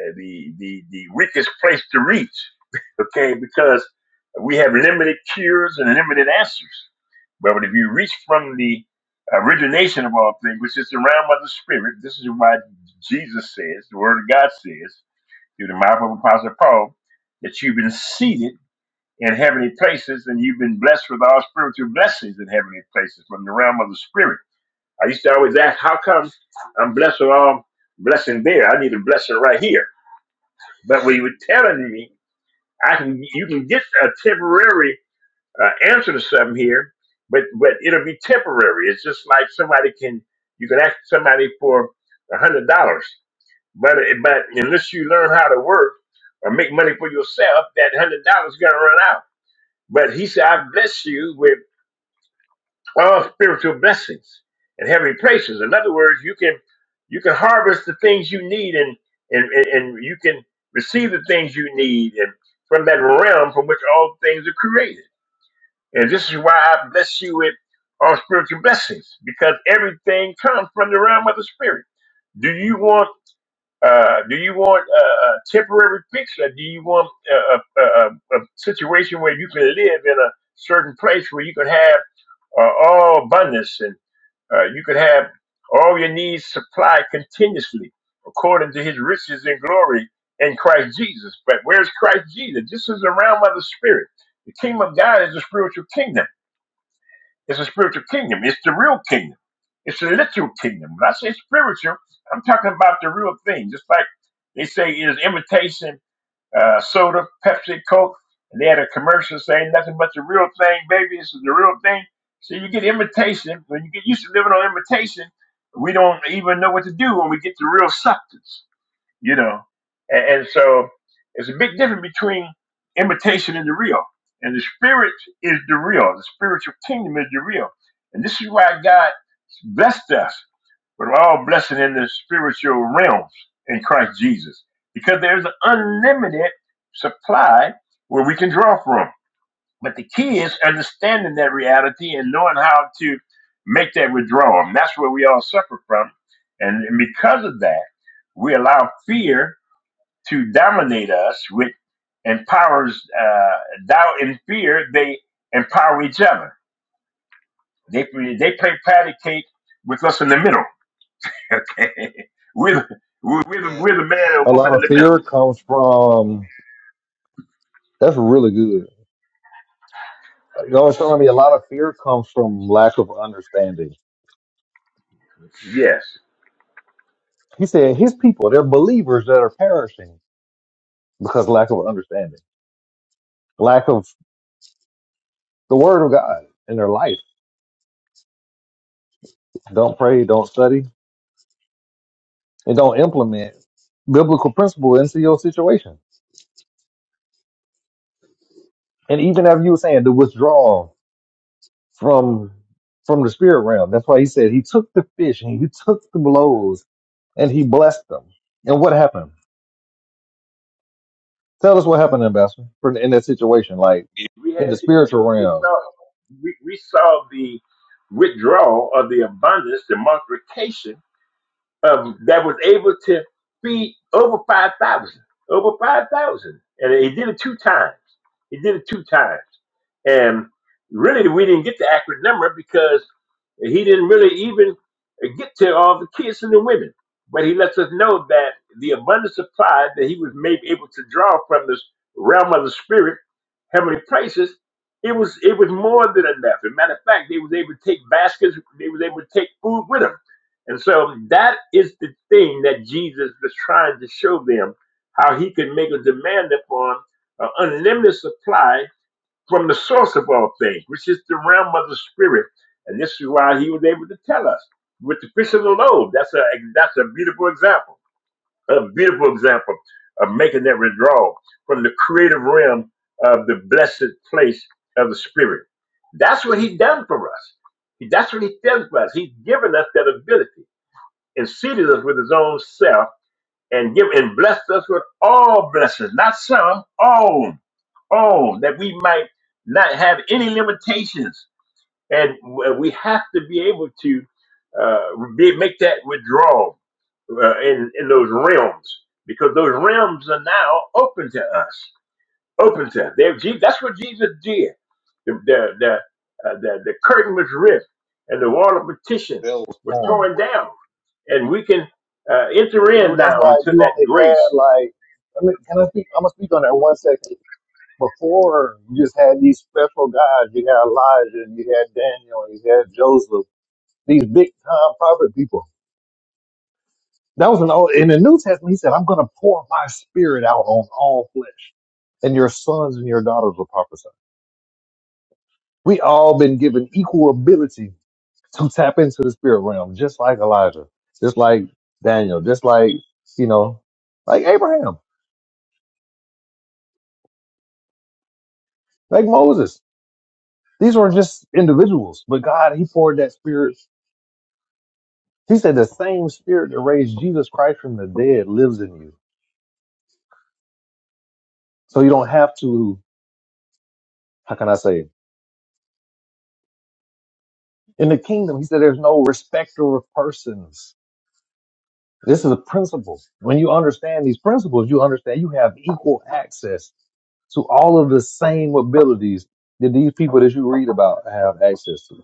uh, the the the weakest place to reach. <laughs> Okay, because we have limited cures and limited answers. But if you reach from the origination of all things, which is the realm of the spirit, this is why Jesus says, the Word of God says, through the mouth of Apostle Paul, that you've been seated in heavenly places and you've been blessed with all spiritual blessings in heavenly places from the realm of the spirit. I used to always ask, how come I'm blessed with all blessing there? I need a blessing right here. But when you were telling me, I can you can get a temporary uh, answer to something here, but but it'll be temporary. It's just like somebody can you can ask somebody for a hundred dollars, but but unless you learn how to work or make money for yourself, that hundred dollars is gonna run out. But he said, I bless you. with." all spiritual blessings and heavenly places. In other words, you can you can harvest the things you need and and, and, and you can receive the things you need and from that realm from which all things are created. And this is why I bless you with all spiritual blessings, because everything comes from the realm of the spirit. Do you want uh, do you want a, a temporary fix, or do you want a, a, a, a situation where you can live in a certain place where you can have uh, all abundance and uh, you could have all your needs supplied continuously according to his riches and glory in Christ Jesus. But where's Christ Jesus? This is the realm of the spirit. The kingdom of God is a spiritual kingdom. It's a spiritual kingdom. It's the real kingdom. It's a literal kingdom. When I say spiritual, I'm talking about the real thing. Just like they say it is imitation uh, soda, Pepsi, Coke. And they had a commercial saying nothing but the real thing, baby. This is the real thing. So you get imitation. When you get used to living on imitation, we don't even know what to do when we get the real substance you know. And, and so there's a big difference between imitation and the real. And the spirit is the real. The spiritual kingdom is the real. And this is why God blessed us with all blessing in the spiritual realms in Christ Jesus. Because there's an unlimited supply where we can draw from. But the key is understanding that reality and knowing how to make that withdrawal. And that's where we all suffer from. And and because of that, we allow fear to dominate us, which empowers uh, doubt and fear. They empower each other. They they play patty cake with us in the middle. <laughs> Okay, we're the, we're the,
That-
we're the man and
A
woman
lot
in
of
the middle.
fear comes from that's really good You God showing me a lot of fear comes from lack of understanding.
Yes.
He said his people, they're believers that are perishing because lack of understanding, lack of the word of God in their life. Don't pray, don't study, and don't implement biblical principle into your situation. And even as you were saying, the withdrawal from from the spirit realm. That's why he said he took the fish and he took the blows and he blessed them. And what happened? Tell us what happened, Ambassador, for- in that situation, like
Yeah, We had
in the spiritual
we
realm
saw we, we saw the withdrawal of the abundance, the multiplication um, that was able to feed over 5,000, over 5,000. And he did it two times. He did it two times. And really, we didn't get the accurate number because he didn't really even get to all the kids and the women. But he lets us know that the abundant supply that he was maybe able to draw from this realm of the spirit, heavenly places, it was it was more than enough. As a matter of fact, they was able to take baskets, they was able to take food with them and so that is the thing that Jesus was trying to show them how he could make a demand upon an unlimited supply from the source of all things, which is the realm of the spirit. And this is why he was able to tell us with the fish of the loaves. That's a that's a beautiful example, a beautiful example of making that withdrawal from the creative realm of the blessed place of the spirit. That's what he done for us. That's what he done for us. He's given us that ability and seated us with his own self and give and blessed us with all blessings, not some, all, all that we might not have any limitations. And w- we have to be able to uh, be, make that withdrawal uh, in, in those realms because those realms are now open to us, open to us. they Je- That's what Jesus did. The, the, the, uh, the, the curtain was ripped and the wall of petition
bill was
was
torn.
torn down and we can uh, enter
They were,
in
that's
now
why
into
you
that
only had
grace.
like I mean, can I speak? I'm gonna speak on that one second. Before you just had these special guys, you had Elijah, and you had Daniel, and you had Joseph, these big time prophet people. That was an old in the New Testament. He said, "I'm gonna pour my spirit out on all flesh, and your sons and your daughters will prophesy." We all been given equal ability to tap into the spirit realm, just like Elijah, just like Daniel, just like you know, like Abraham. like Moses. These were just individuals, but God, He poured that spirit. He said the same spirit that raised Jesus Christ from the dead lives in you. So you don't have to, how can I say, it? in the kingdom, He said there's no respecter of persons. This is a principle. When you understand these principles, you understand you have equal access to all of the same abilities that these people that you read about have access to.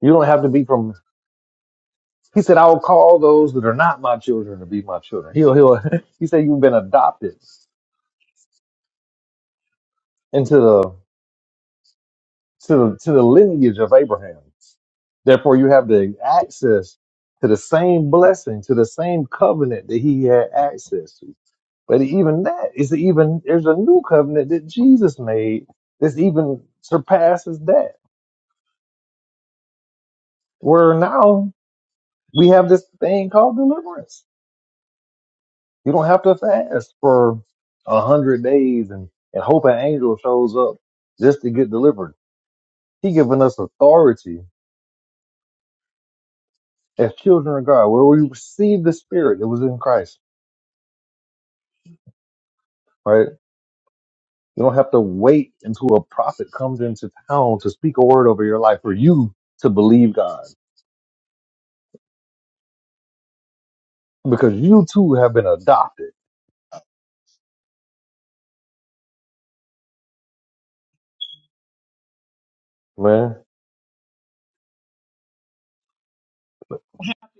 You don't have to be from He said, I will call those that are not my children to be my children. He'll, he'll, <laughs> he said, you've been adopted into the, to the, to the lineage of Abraham. Therefore, you have the access to the same blessing, to the same covenant that he had access to. But even that is even, there's a new covenant that Jesus made that even surpasses that, where now we have this thing called deliverance You don't have to fast for a hundred days and, and hope an angel shows up just to get delivered. He given us authority as children of God, where we receive the spirit that was in Christ, right? You don't have to wait until a prophet comes into town to speak a word over your life for you to believe God. Because you too have been adopted, man.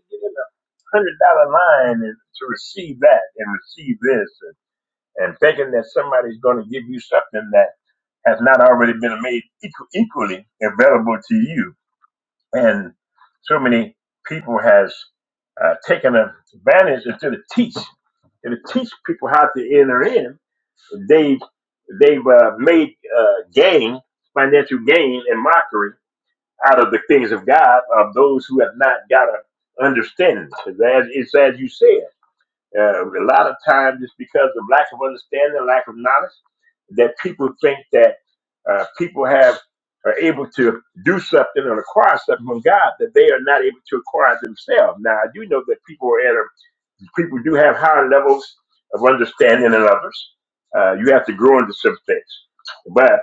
Get in a hundred dollar line and to receive that and receive this, and, and thinking that somebody's going to give you something that has not already been made equal, equally available to you. And so many people has uh, taken advantage of to the teach and to teach people how to enter in. They they've uh, made uh, gain, financial gain, and mockery out of the things of God of those who have not got an understanding, because As it's as you said, uh, a lot of times it's because of lack of understanding, lack of knowledge, that people think that uh, people have are able to do something and acquire something from God that they are not able to acquire themselves. Now I do know that people are at a, people do have higher levels of understanding than others. Uh, you have to grow into some things, but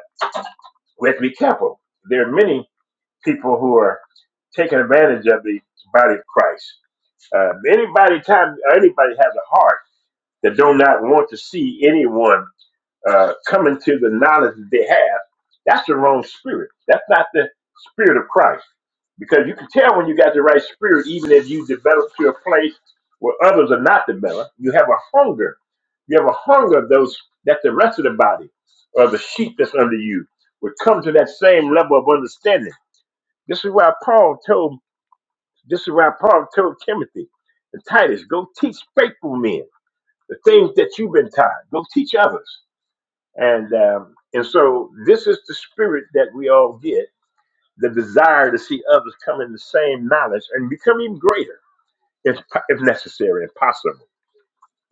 we have to be careful. There are many people who are taking advantage of the body of Christ. Uh, anybody, time anybody has a heart that do not want to see anyone uh, coming to the knowledge that they have, that's the wrong spirit. That's not the spirit of Christ because you can tell when you got the right spirit, even if you develop to a place where others are not developed. You have a hunger. You have a hunger of those that the rest of the body or the sheep that's under you would come to that same level of understanding. This is why Paul told this is why Paul told Timothy and Titus, go teach faithful men the things that you've been taught. Go teach others. And um, and so this is the spirit that we all get, the desire to see others come in the same knowledge and become even greater if, if necessary and possible.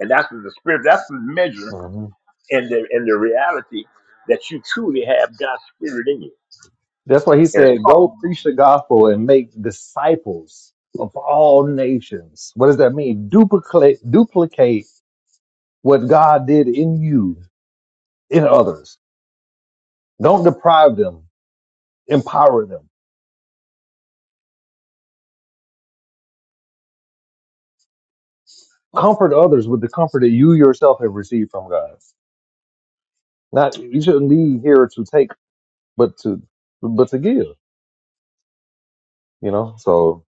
And that's the spirit, that's the measure
hmm
and the and the reality that you truly have God's spirit in you.
That's why he
And it's
said, go
Paul,
preach the
right?
gospel and make disciples of all nations. What does that mean? Duplicate, duplicate what God did in you, in others. Don't deprive them, empower them. Comfort others with the comfort that you yourself have received from God. Not you shouldn't leave here to take, but to but to give. You know, so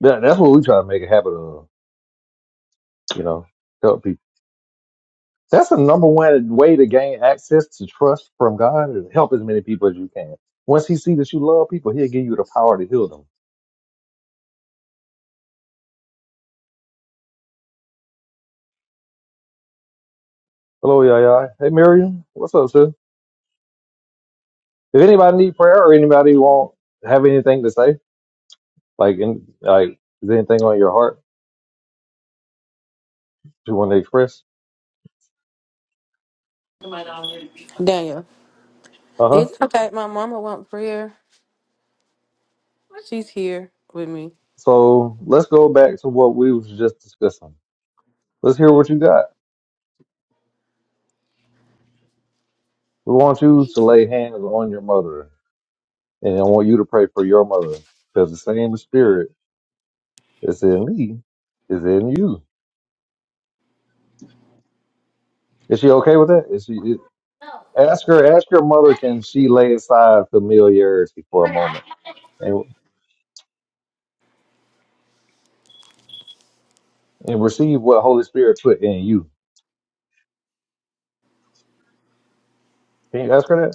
that, that's what we try to make a habit of. You know, help people. That's the number one way to gain access to trust from God is help as many people as you can. Once He sees that you love people, He'll give you the power to heal them. Hello, Yaya. Hey, Miriam. What's up, sis? Does anybody need prayer or anybody want have anything to say? Like, in, like, is there anything on your heart you want to express?
It might already be. Daniel,
Uh huh.
it's okay. My mama want prayer. She's here with me.
So let's go back to what we was just discussing. Let's hear what you got. We want you to lay hands on your mother, and I want you to pray for your mother because the same spirit that's in me is in you. Is she okay with that? Is she? is- ask her. Ask your mother. Can she lay aside familiarity for a moment and and receive what Holy Spirit put in you? Can you ask her that?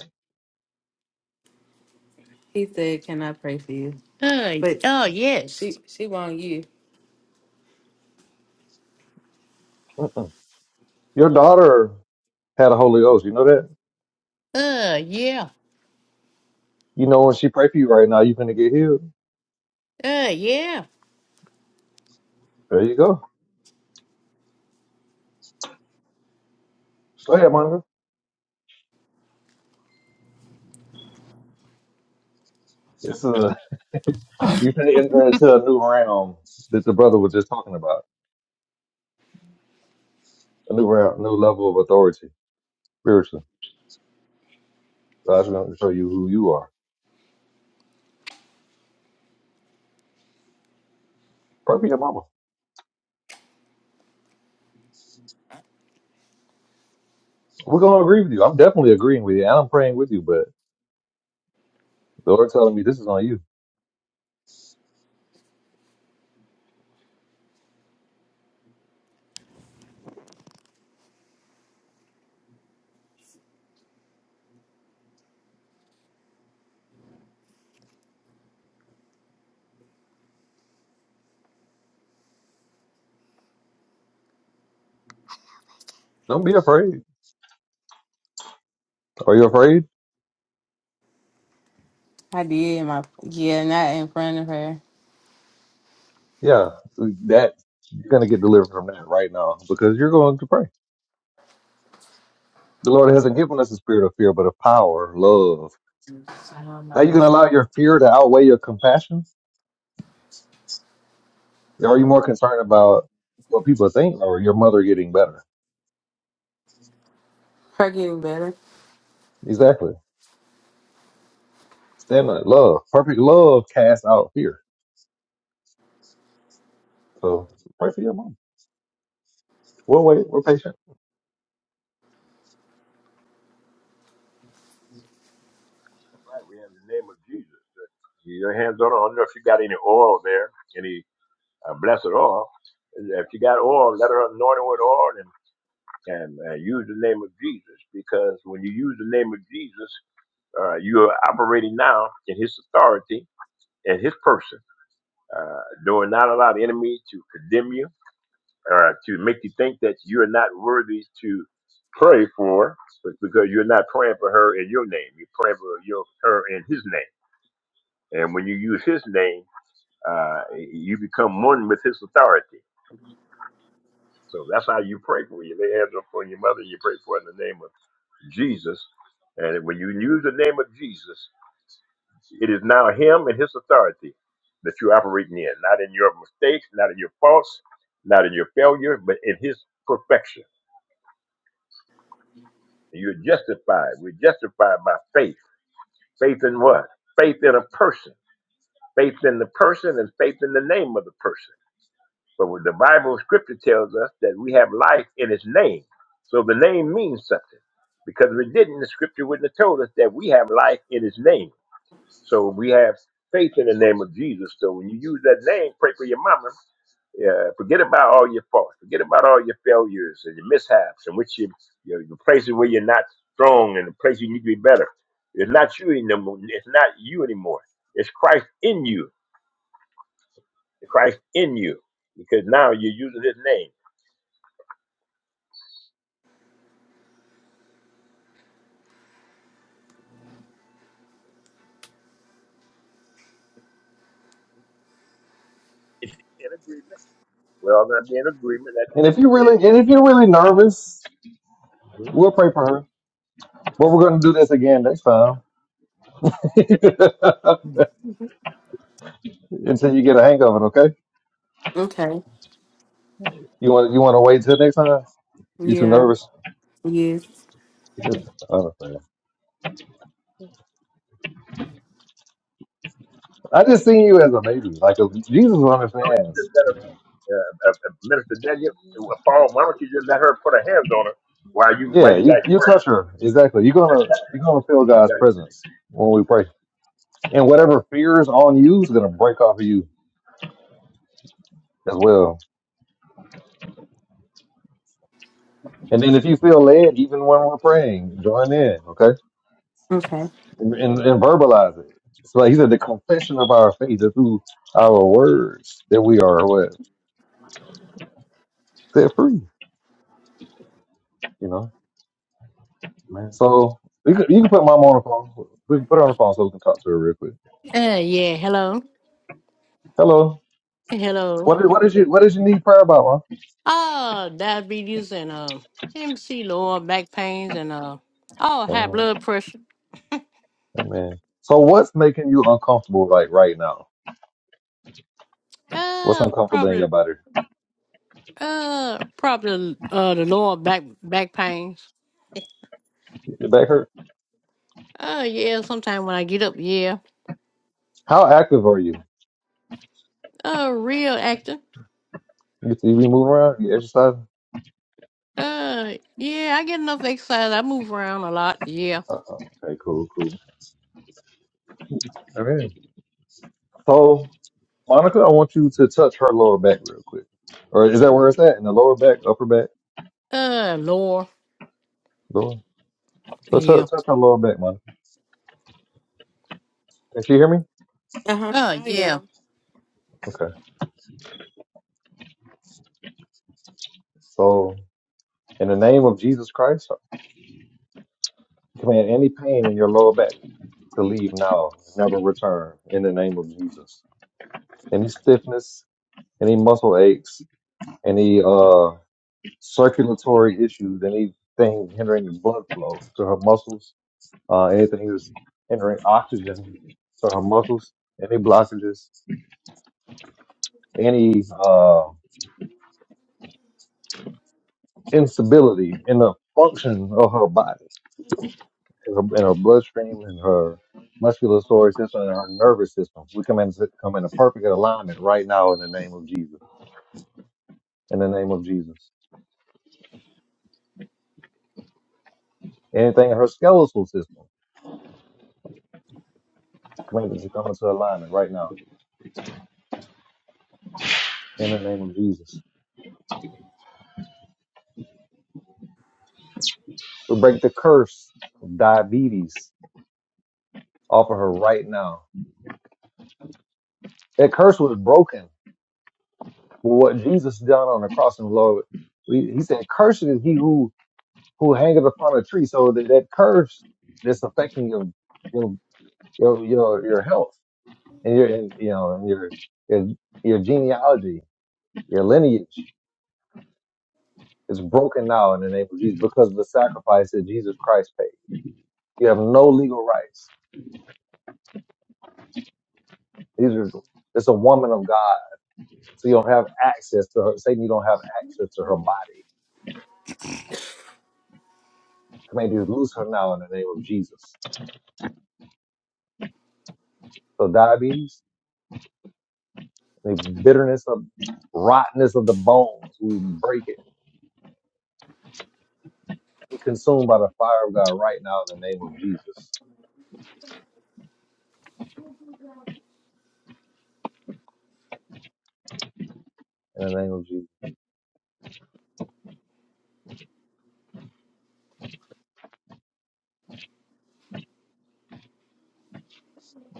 He said, "Can I pray for you?" Hey, But uh, she she want you.
Mm-mm. Your daughter had a Holy Ghost. You know that?
yeah,
You know when she pray for you right now, you're gonna get healed.
yeah.
There you go. Go ahead, Monica. It's a you're gonna enter into a new realm that the brother was just talking about. A new realm, new level of authority spiritually. God's gonna show you who you are. Pray for your mama. We're gonna agree with you. I'm definitely agreeing with you, and I'm praying with you. But the Lord telling me this is on you. Don't be afraid. Are you afraid?
I did my yeah, not in front of her.
Yeah, that you're gonna get delivered from that right now because you're going to pray. The Lord hasn't given us a spirit of fear, but of power, love.
I don't
Are
know.
you going to allow your fear to outweigh your compassion? Or are you more concerned about what people think or your mother getting better?
Her getting better.
Exactly. Stand on it. Love. Perfect love casts out fear. So pray for your mom. We'll wait. We're patient.
We have the name of Jesus. Your hands on her. I don't know if you got any oil there, any uh, blessed oil. If you got oil, let her anoint her with oil and and uh, use the name of Jesus because when you use the name of Jesus, uh, you are operating now in His authority and His person. Uh, do not allow the enemy to condemn you or to make you think that you are not worthy to pray for, but because you're not praying for her in your name, you're praying for your, her in His name. And when you use His name Uh, you become one with His authority. So that's how you pray for you. They hands up your mother. You pray for her in the name of Jesus. And when you use the name of Jesus, it is now Him and His authority that you're operating in, not in your mistakes, not in your faults, not in your failure, but in His perfection. You're justified. We're justified by faith. Faith in what? Faith in a person. Faith in the person and faith in the name of the person. So when the Bible scripture tells us that we have life in its name. So the name means something. Because if it didn't, the scripture wouldn't have told us that we have life in His name. So we have faith in the name of Jesus. So when you use that name, pray for your mama. Uh, forget about all your faults. Forget about all your failures and your mishaps and which you, you know, the places where you're not strong and the places you need to be better. It's not you anymore. It's not you anymore. It's Christ in you. Christ in you. Because now you're using his name. If you can't agreement, we're all going to be in agreement. That's the
And if
next
you're really, and if you're really nervous,
hmm Why
we'll pray for her. But we're going to do this again next time <laughs> until you get a hang of it. Okay?
Okay.
You want you want to wait till next time? You too
Yeah.
nervous?
Yes.
Just, I don't know. I just see you as a baby, like a, Jesus
don't you just
understands.
let her, uh, uh, uh, Minister Daniel, uh, Paul, why don't you just let her put her hands on her while you while
Yeah,
you
you
guys
you
pray?
touch her exactly. You're gonna you're gonna feel
You
God's
guys
presence when we pray, and whatever fear is on you is gonna break off of you as well. And then if you feel led, even when we're praying, join in, okay,
Okay.
and, and, and verbalize it. It's like he said, the confession of our faith is through our words that we are what set free. You know, man. So you can, you can put mom on the phone. We can put her on the phone so we can talk to her real quick.
Uh, yeah, hello.
Hello.
Hello.
What did, what did you what did you need prayer about,
Uh, diabetes and, uh, MC lower back pains and, uh, oh,
huh?
high
Amen.
blood pressure.
Amen. So what's making you uncomfortable like right now? What's
Uh,
uncomfortable in
probably,
your body?
uh, probably, uh, the lower back, back pains.
Your back hurt?
Uh, yeah, sometime when I get up, yeah.
How active are you?
A real actor.
You, you be moving around? You exercising?
Uh, yeah, I get enough exercise. I move around a lot. Yeah.
Uh-uh. Okay, cool, cool. Amen. So Monica, I want you to touch her lower back real quick. Or is that where it's at? In the lower back, upper back,
Uh, Laura.
lower. So
Yeah.
touch, touch her lower back, Monica. Can she hear me?
Uh huh. Uh, I yeah. am.
Okay. So in the name of Jesus Christ, Command any pain in your lower back to leave now, never return in the name of Jesus. Any stiffness, any muscle aches, any uh circulatory issues, anything hindering the blood flow to her muscles, uh anything that's hindering oxygen to her muscles, any blockages, any uh instability in the function of her body in her, in her bloodstream, in her musculoskeletal system, and her nervous system. We come in come into perfect alignment right now in the name of Jesus. In the name of Jesus. Anything in her skeletal system, come into come into alignment right now. In the name of Jesus. We break the curse of diabetes off of her right now. That curse was broken with what Jesus done on the cross and Lord. He he said, Cursed is he who who hangeth upon a tree. So that, that curse that's affecting your your your your, your health and your and, you know and your your your genealogy, your lineage is broken now in the name of Jesus because of the sacrifice that Jesus Christ paid. You have no legal rights. These are it's a woman of God, so you don't have access to her. Satan, you don't have access to her body. Command you to lose her now in the name of Jesus. So diabetes, the bitterness of rottenness of the bones, we break it. Be consumed by the fire of God right now in the name of Jesus. In the name of Jesus.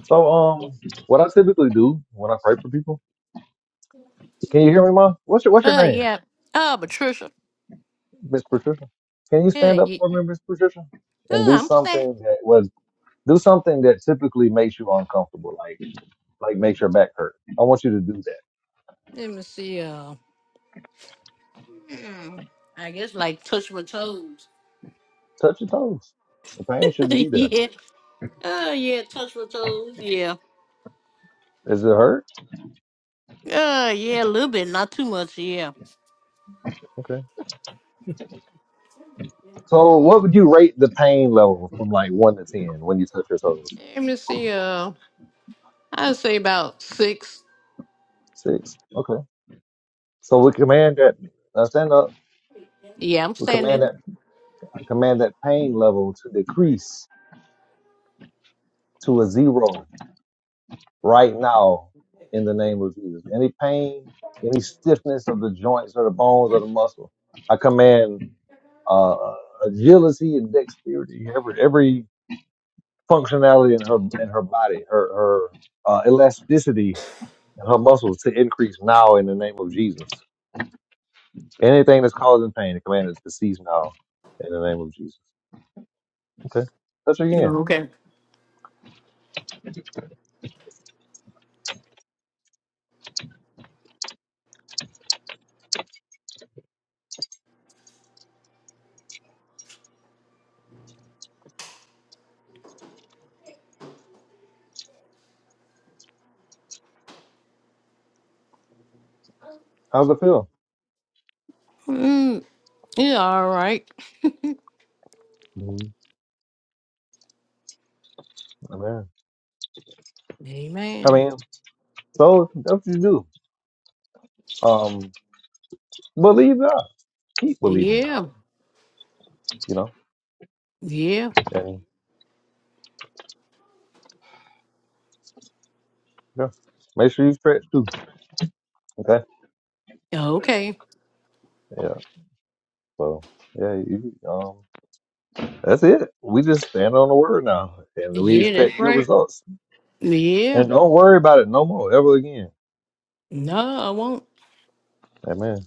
So um, what I typically do when I pray for people, can you hear me, Mom? What's your What's your
Uh,
name,
yeah. Uh, Patricia.
Miss Patricia? Can you
Yeah,
stand up
yeah.
for me, Miss Patricia, and
Uh,
do
I'm set.
something that was do something that typically makes you uncomfortable, like like makes your back hurt. I want you to do that.
Let me see. Uh, hmm, I guess like touch my toes.
Touch your toes. The pain
<laughs>
shouldn't be there.
yeah. Uh, yeah. Touch my toes. Yeah.
Does it hurt?
Uh, yeah. A little bit, not too much. Yeah.
Okay. So what would you rate the pain level from like one to ten when you touch your toes?
Let me see. Uh, I'd say about six.
Six. Okay. So we command that. Now stand up.
Yeah, I'm
We command
standing.
that. Command that pain level to decrease to a zero right now in the name of Jesus. Any pain, any stiffness of the joints or the bones or the muscle, I command uh, uh, agility and dexterity. Every every functionality in her in her body, her her uh, elasticity in her muscles to increase now in the name of Jesus. Anything that's causing pain, I command it to cease now in the name of Jesus. Okay, touch again.
Okay.
How's it feel?
Mm, yeah. All right.
Mm-hmm. Amen. I
Amen.
mean, so that's what you do. Um, Believe God. Keep believing God,
Yeah.
you know?
Yeah.
And yeah, make sure you stretch too. Okay.
Okay.
Yeah. So, yeah, you, um, that's it. We just stand on the word now and we
Yeah, that's
expect good
right.
results.
Yeah.
And don't worry about it no more ever again.
No, I won't.
Amen.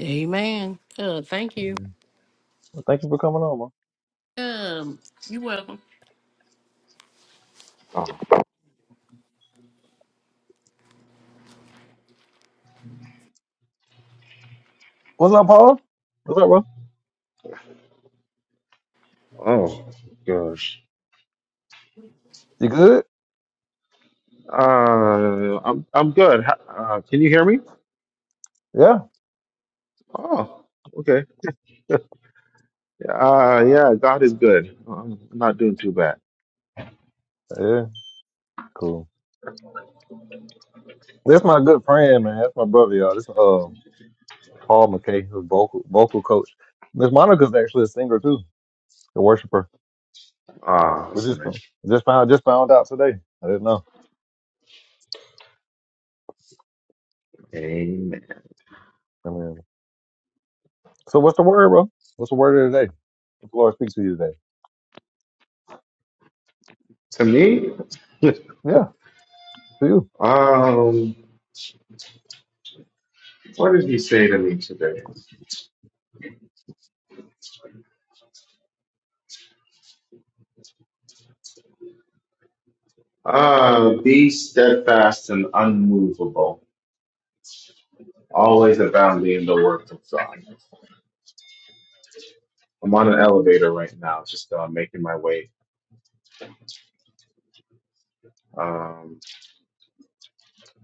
Amen. Uh, thank you.
Amen. Well, thank you for coming on, man.
Um, you're welcome.
Oh,
What's up, Paul? What's up, bro?
oh gosh.
You good?
Uh, I'm I'm good. Ha- Uh, can you hear me?
Yeah.
Oh, okay. Uh, yeah, God is good. I'm not doing too bad.
Yeah. Cool. That's my good friend, man. That's my brother, y'all. This um Paul McKay, who's vocal vocal coach. Miss Monica's actually a singer too, a worshiper.
Ah,
We
that's
just
nice.
just found just found out today. I didn't know.
Amen.
I mean, so what's the word, bro? What's the word of the day? What the Lord speaks to you today?
To me,
Yeah, to you.
um, what did he say to me today? Uh, be steadfast and unmovable, always abounding in the work of God. I'm on an elevator right now, just uh, making my way. Um,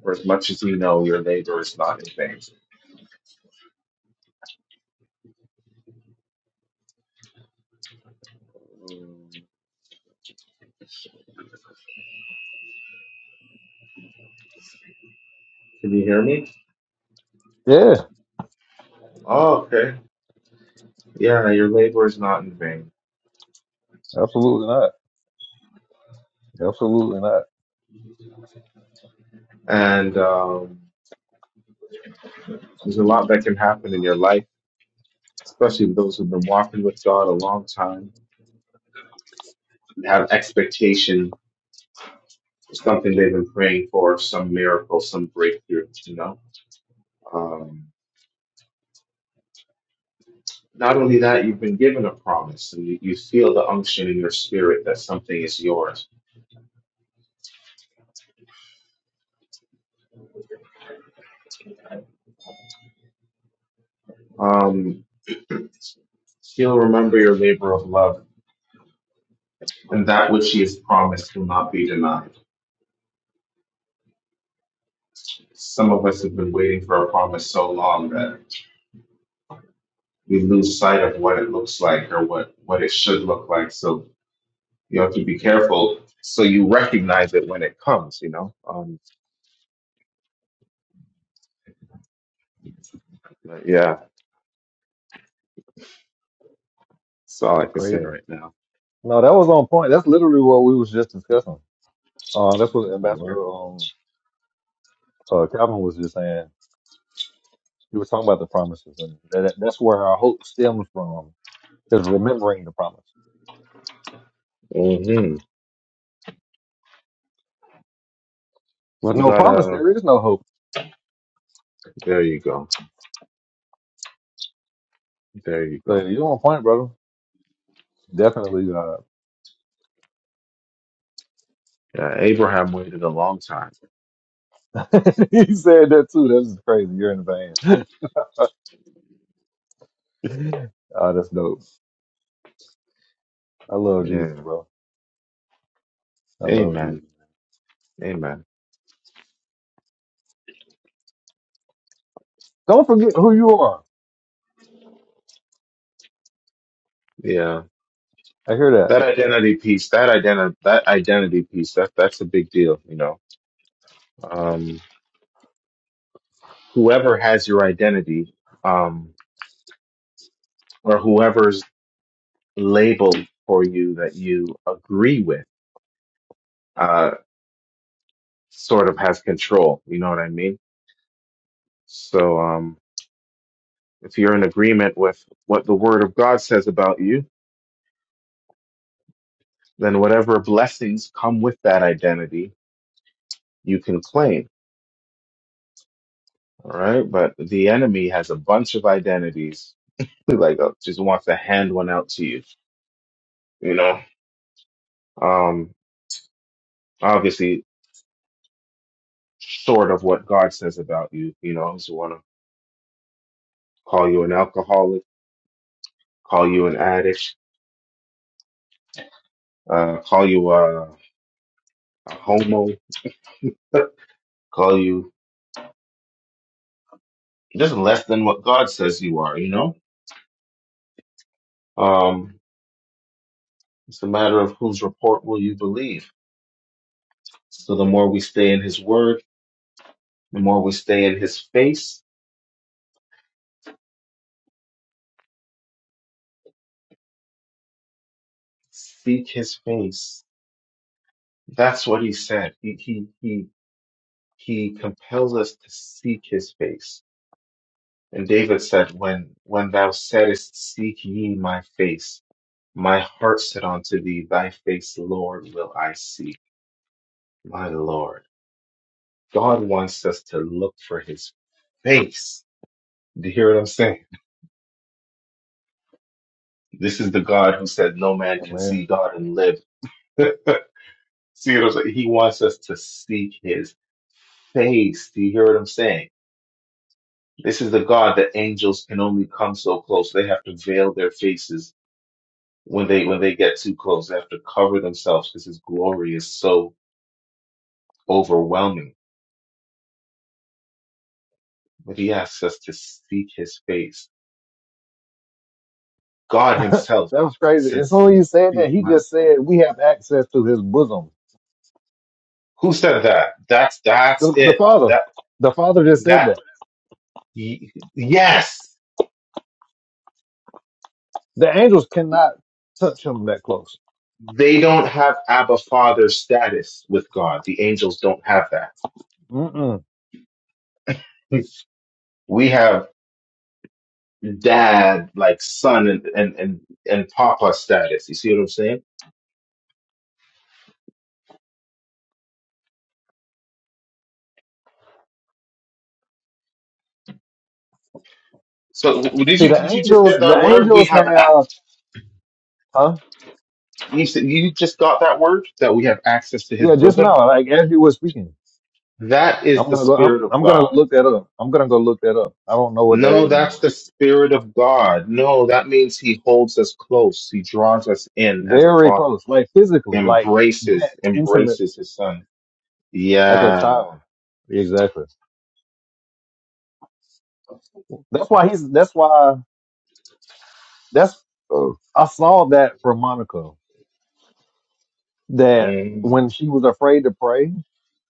for as much as you know, your labor is not in vain. Mm. Can you hear me?
Yeah,
Oh, okay. Yeah, your labor is not in vain.
absolutely not. Absolutely not.
And um, there's a lot that can happen in your life, especially with those who've been walking with God a long time and have expectation for something they've been praying for, some miracle, some breakthrough, you know? Um, not only that, you've been given a promise and you, you feel the unction in your spirit that something is yours. Um, still remember your labor of love and that which he has promised will not be denied. Some of us have been waiting for a promise so long that we lose sight of what it looks like or what, what it should look like. So you have to be careful so you recognize it when it comes, you know? Um, but yeah, that's all I
That's
can say
crazy.
right now.
No, that was on point. That's literally what we was just discussing. Uh, that's what Ambassador um uh, Calvin was just saying. He was talking about the promises, and that, that's where our hope stems from. Is remembering the promise.
Mm-hmm.
With
You
no promise,
gotta,
there is no hope.
there you go. There you
So
go.
you're on point, brother. Definitely God.
Yeah, Abraham waited a long time.
<laughs> he said that too. That's just crazy. You're in the van. <laughs> Oh, that's dope. I love Jesus,
Yeah.
bro. I love
Amen.
Jesus.
Amen.
Don't forget who you are.
Yeah.
I hear that.
That identity piece, that identity, that identity piece, that that's a big deal, you know. Um, whoever has your identity um, or whoever's label for you that you agree with uh, sort of has control. You know what I mean? So um, if you're in agreement with what the Word of God says about you, then whatever blessings come with that identity, you can claim. All right. But the enemy has a bunch of identities, like uh, just wants to hand one out to you, you know? Um, obviously sort of what God says about you. You know, He's want to call you an alcoholic, call you an addict, uh, call you a, a homo, <laughs> call you just less than what God says you are. You know, um, it's a matter of whose report will you believe. So the more we stay in His Word, the more we stay in His face, seek His face. That's what He said. He he he he compels us to seek His face And David said, When when thou saidest, Seek ye my face, my heart said unto thee, Thy face, Lord, will I seek. My Lord. God wants us to look for his face. Do you hear what I'm saying? This is the God who said, No man
Oh,
can
man.
see God and live. <laughs> see what I'm saying? He wants us to seek his face. Do you hear what I'm saying? This is the God that angels can only come so close. They have to veil their faces when they when they get too close. They have to cover themselves because his glory is so overwhelming. But he asks us to seek his face.
<laughs>
God
that
himself
was crazy. As
says,
soon as he said that,
"Seek
he
my."
just said we have access to his bosom.
Who said that? That's that's
The, the
it.
Father.
That
The Father just said
that
that.
y- yes.
The angels cannot touch him that close.
They don't have Abba Father status with God. The angels don't have that.
Mm-mm.
<laughs> We have dad, like son, and and and, and papa status. You see what I'm saying? So w- did
See,
you
the
did you just
angels,
get
the
that word? We
angels
have.
have, huh?
He said, You just got that word that we have access to his
Yeah, just
bosom?
now, like as you were speaking,
That is
I'm
the
gonna go. I'm,
Spirit of
I'm gonna go
God.
look that up. I'm gonna go look that up. I don't know what that
No,
is.
that's the Spirit of God. No, that means he holds us close. He draws us in as a
Very
father,
close. Like physically, like that
embraces,
intimate,
embraces his son.
like a
Yeah.
child. Exactly. That's why he's, that's why, that's, uh, I saw that from Monica that
Mm.
when she was afraid to pray,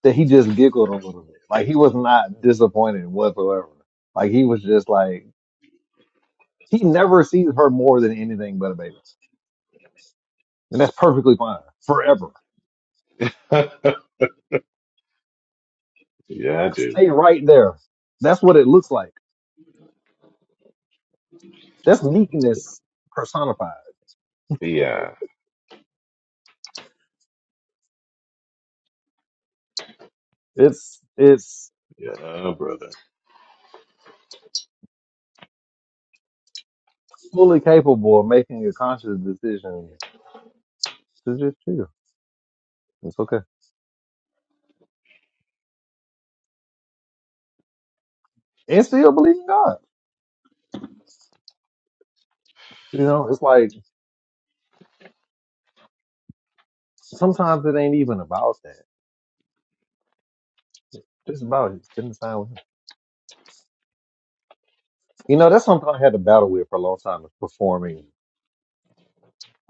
that he just giggled a little bit. Like he was not disappointed whatsoever. Like he was just like, he never sees her more than anything but a baby. And that's perfectly fine forever.
<laughs> yeah, I do.
Stay right there. That's what it looks like. That's meekness personified.
Yeah.
It's, it's
Yeah, brother.
fully capable of making a conscious decision to just chill. It's okay. And still believe in God. You know, it's like sometimes it ain't even about that. Just about it. Spending time with him. You know, that's something I had to battle with for a long time is performing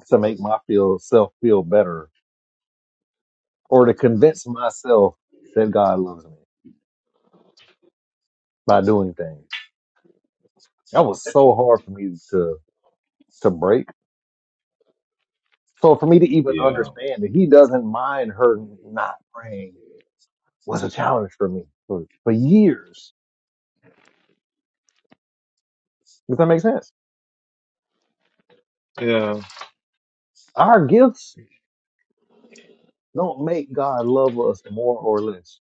to make my feel self feel better or to convince myself that God loves me by doing things. That was so hard for me to to break. So for me to even
Yeah.
understand that he doesn't mind her not praying was a challenge for me for, for years. Does that make sense?
Yeah.
Our gifts don't make God love us more or less.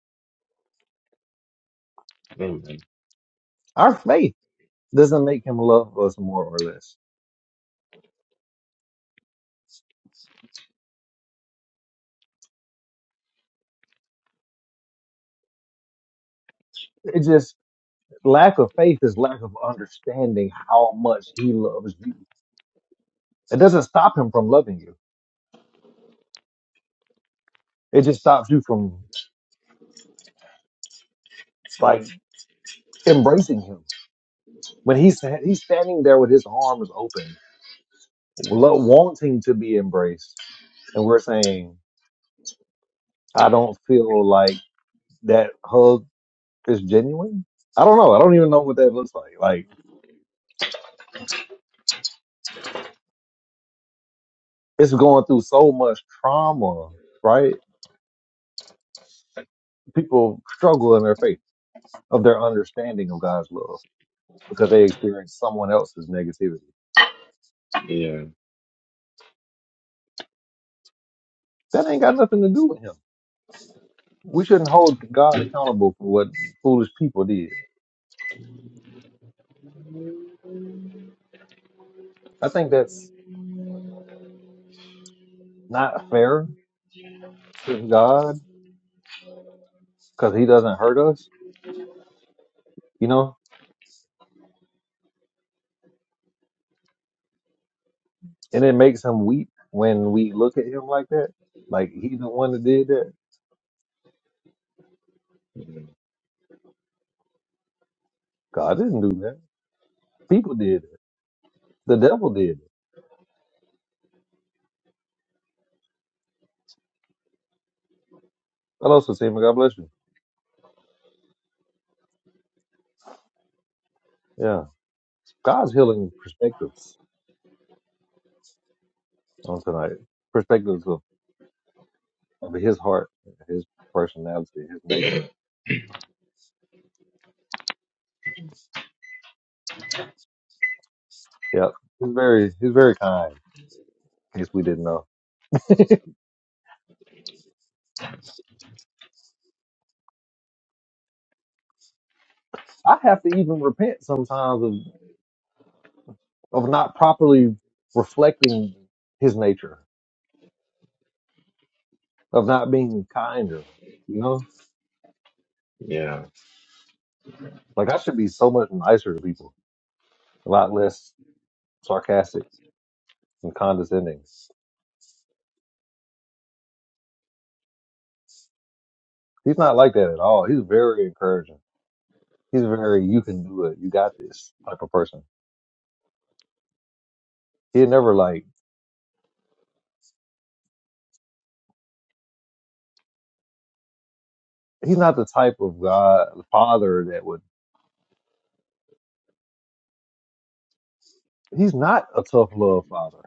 Amen.
Our faith doesn't make him love us more or less. It just lack of faith is lack of understanding how much he loves you. It doesn't stop him from loving you. It just stops you from like embracing him. When he's he's standing there with his arms open, lo- wanting to be embraced, and we're saying, "I don't feel like that hug it's genuine. I don't know. I don't even know what that looks like. Like it's going through so much trauma, right? People struggle in their faith of their understanding of God's love because they experience someone else's negativity.
Yeah.
That ain't got nothing to do with him. We shouldn't hold God accountable for what foolish people did. I think that's not fair to God because he doesn't hurt us, you know, and it makes him weep when we look at him like that. Like he's the one that did that.
Mm.
God didn't do that. People did The devil did. Hello, Satima. God bless you. Yeah. God's healing perspectives on tonight. Perspectives of, of his heart, his personality, his nature. Yeah. He's very he's very kind, in case we didn't know. I have to even repent sometimes of of not properly reflecting his nature, of not being kinder, you know?
Yeah.
Like I should be so much nicer to people, a lot less sarcastic and condescending. He's not like that at all. He's very encouraging He's very you can do it, you got this type of person. He never like he's not the type of God father that would he's not a tough love father.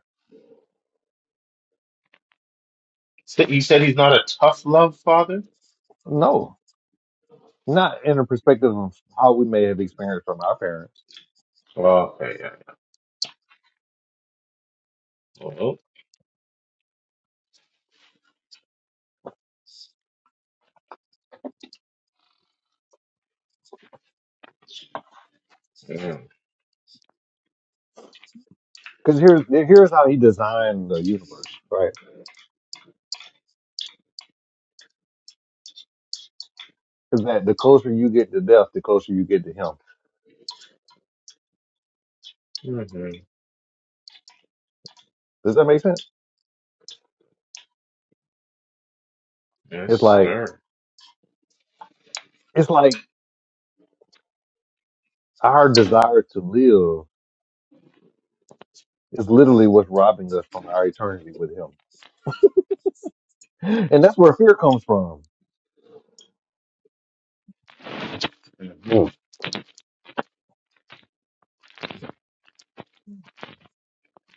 So you said he's not a tough love father?
No. Not in the perspective of how we may have experienced from our parents.
Okay. Yeah. Well, yeah.
Because here's here's how he designed the universe, right? Is that the closer you get to death, the closer you get to him.
hmm
Does that make sense? It's
Yes,
like
sir.
it's like our desire to live is literally what's robbing us from our eternity with him. And that's where fear comes from,
Mhm.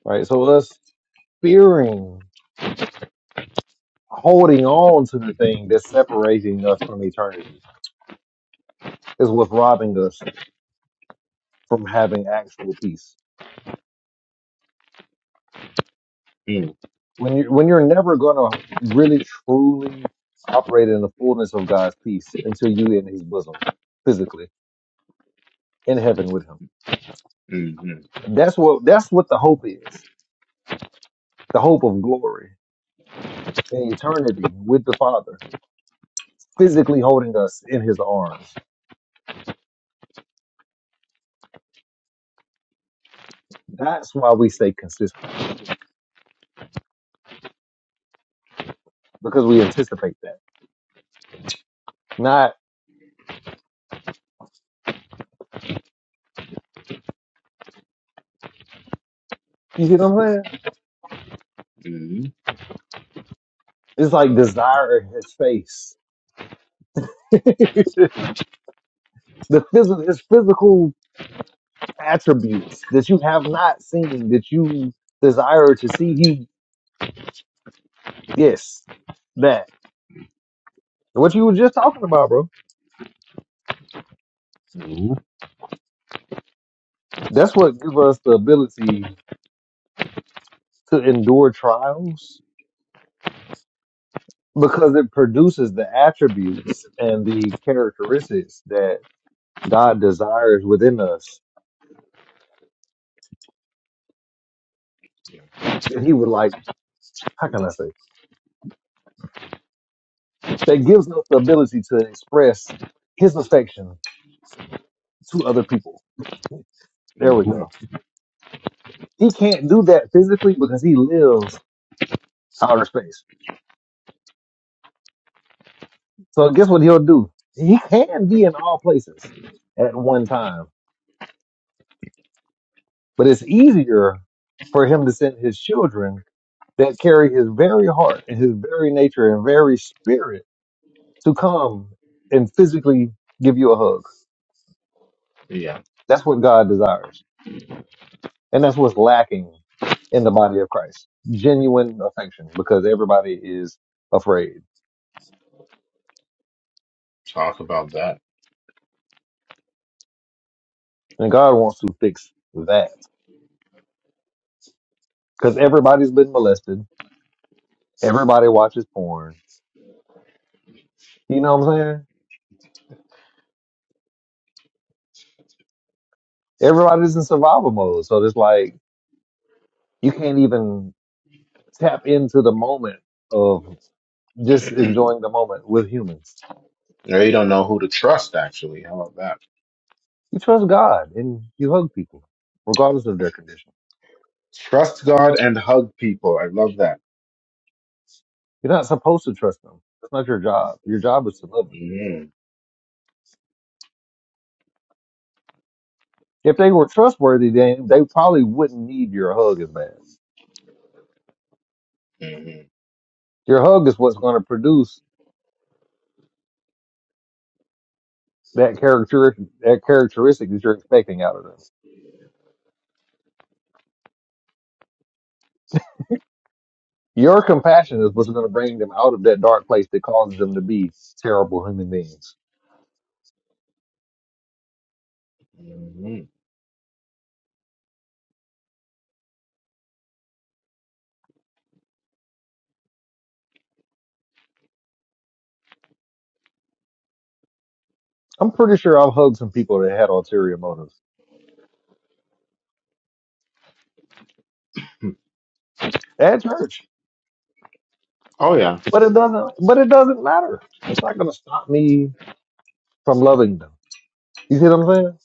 right? So us fearing, holding on to the thing that's separating us from eternity is what's robbing us from having actual peace.
Mm,
When you when you're never gonna really truly operate in the fullness of God's peace until you in His bosom, physically in heaven with Him.
Mm-hmm.
That's what that's what the hope is. The hope of glory in eternity with the Father, physically holding us in His arms. That's why we stay consistent because we anticipate that. Not you see what I'm saying?
Mm-hmm.
It's like desire in his face. <laughs> the phys his physical attributes that you have not seen, that you desire to see. He, yes, that. What you were just talking about, bro.
mm,
That's what give us the ability to endure trials because it produces the attributes and the characteristics that God desires within us
Yeah.
that he would like, how can I say, that gives us the ability to express his affection to other people There we
hmm
go. He can't do that physically because he lives outer space. So guess what he'll do? He can be in all places at one time, but it's easier for him to send his children that carry his very heart and his very nature and very spirit to come and physically give you a hug.
Yeah.
That's what God desires. And that's what's lacking in the body of Christ. Genuine affection because everybody is afraid.
Talk about that.
And God wants to fix that. Because everybody's been molested. Everybody watches porn. You know what I'm saying? Everybody's in survival mode. So it's like you can't even tap into the moment of just enjoying the moment with humans.
Now you don't know who to trust, actually. How about that?
You trust God and you hug people, regardless of their condition.
Trust God and hug people. I love that.
You're not supposed to trust them. That's not your job. Your job is to love them.
hmm
If they were trustworthy, then they probably wouldn't need your hug as bad.
hmm
Your hug is what's going to produce that character, that characteristic that you're expecting out of them. Your compassion is what's going to bring them out of that dark place that causes them to be terrible human beings.
hmm hmm
I'm pretty sure I've hugged some people that had ulterior motives at church,
Oh yeah.
but it doesn't. But it doesn't matter. It's not going to stop me from loving them. You see what I'm saying?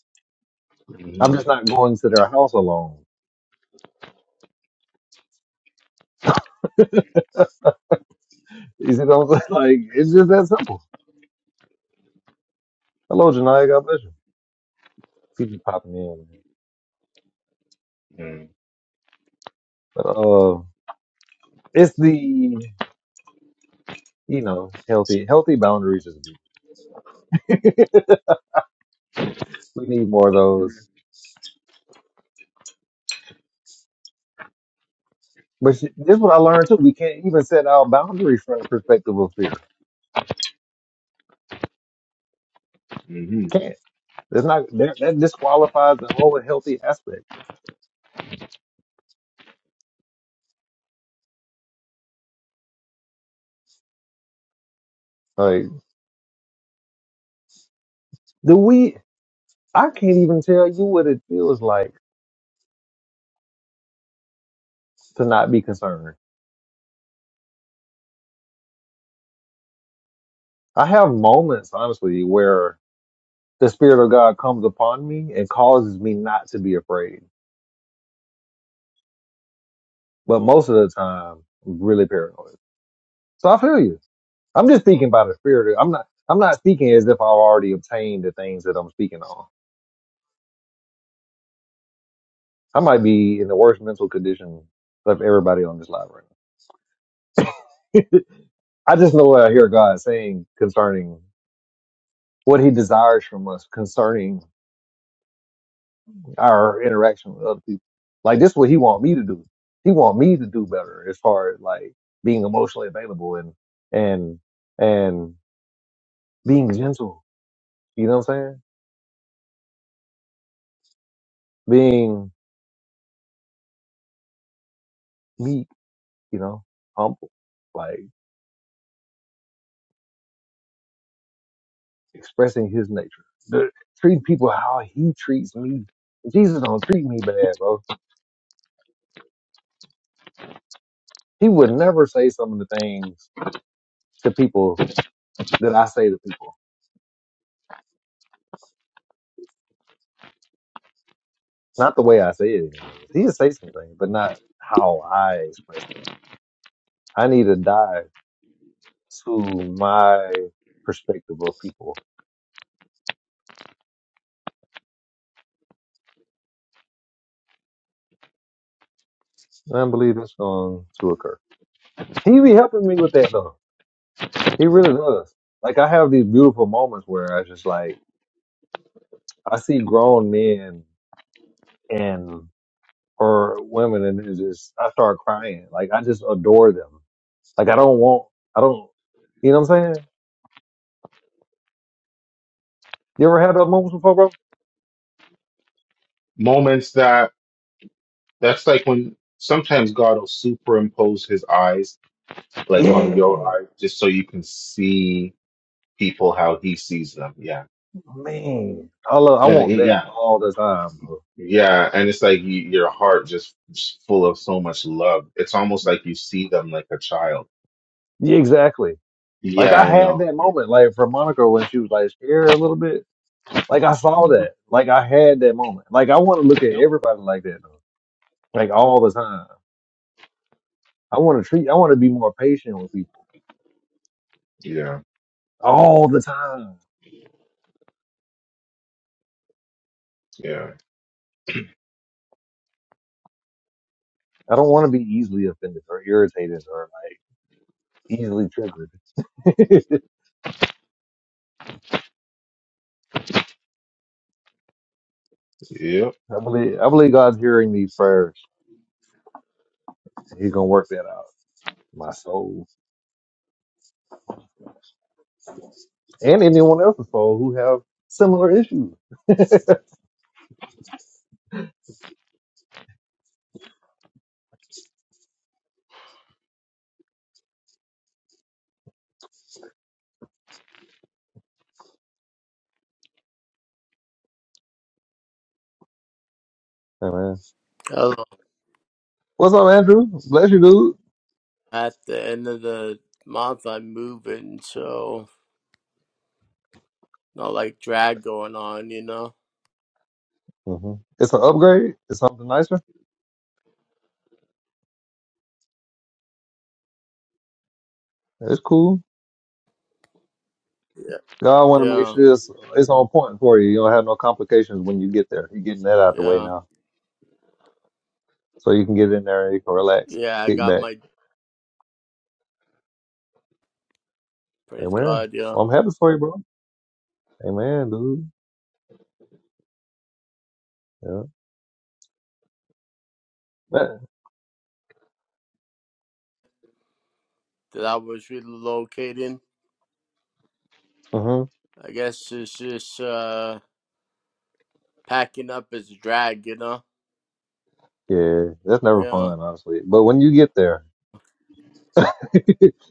hmm
I'm just not going to their house alone. <laughs> You see what I'm saying? <laughs> Like it's just that simple. Hello, Janaya. God bless you. People popping in,
hmm
but uh, it's the you know healthy healthy boundaries is <laughs> we need more of those But she, this is what I learned too. We can't even set our boundaries from the perspective of fear.
hmm
Can't. It's not that, that disqualifies the whole healthy aspect. Like, do we? I can't even tell you what it feels like to not be concerned. I have moments, honestly, where the spirit of God comes upon me and causes me not to be afraid. But most of the time, I'm really paranoid. So I feel you. I'm just speaking by the spirit. I'm not. I'm not speaking as if I've already obtained the things that I'm speaking on. I might be in the worst mental condition of everybody on this live right now. <laughs> I just know what I hear God saying concerning what He desires from us, concerning our interaction with other people. Like this, is what He want me to do. He want me to do better as far as like being emotionally available and and and being gentle. You know what I'm saying? Being meek. You know, humble. Like expressing His nature. The, treating people how He treats me. Jesus don't treat me bad, bro. He would never say some of the things to people that I say to people. Not the way I say it anyway. He'd say some things, but not how I express them. I need to dive to my perspective of people. And I believe that's going to occur. He be helping me with that though. He really does. Like I have these beautiful moments where I just like I see grown men and or women and it's just I start crying. Like I just adore them. Like I don't want I don't you know what I'm saying? You ever had those moments before, bro?
Moments that that's like when sometimes God will superimpose His eyes, like on
Yeah,
your eyes, just so you can see people how he sees them. Yeah.
man. I love. I
Yeah.
want that
Yeah.
all the time, bro.
Yeah. And it's like you, your heart just just full of so much love. It's almost like you see them like a child.
Yeah, exactly. Like
Yeah.
I
I
had
know.
that moment, like for Monica when she was like scared a little bit. Like I saw
Mhm.
that. Like I had that moment. Like I want to look at everybody like that, though. Like all the time. I want to treat. I want to be more patient with people
Yeah.
all the time.
Yeah.
I don't want to be easily offended or irritated or like easily triggered. <laughs>
Yep.
I believe. I believe God's hearing me first. He's gonna work that out. My soul. and anyone else's phone who have similar issues. Hey, man.
Oh,
What's up, Andrew? Bless you, dude.
at the end of the month, I'm moving, so not like drag going on, you know?
hmm It's an upgrade. It's something nicer. It's cool.
Yeah,
God want to make
yeah,
sure it's, it's on point for you. You don't have no complications when you get there. You're getting that out the way
yeah,
now. So you can get in there and you can relax,
yeah. I
kick
got
back.
my praise
Amen.
God, yeah,
Well, I'm happy for you, bro. Amen, dude. Yeah. That,
that I was relocating.
hmm
I guess it's just uh packing up as a drag, you know?
Yeah, that's never
Yeah.
fun, honestly. But when you get there, <laughs>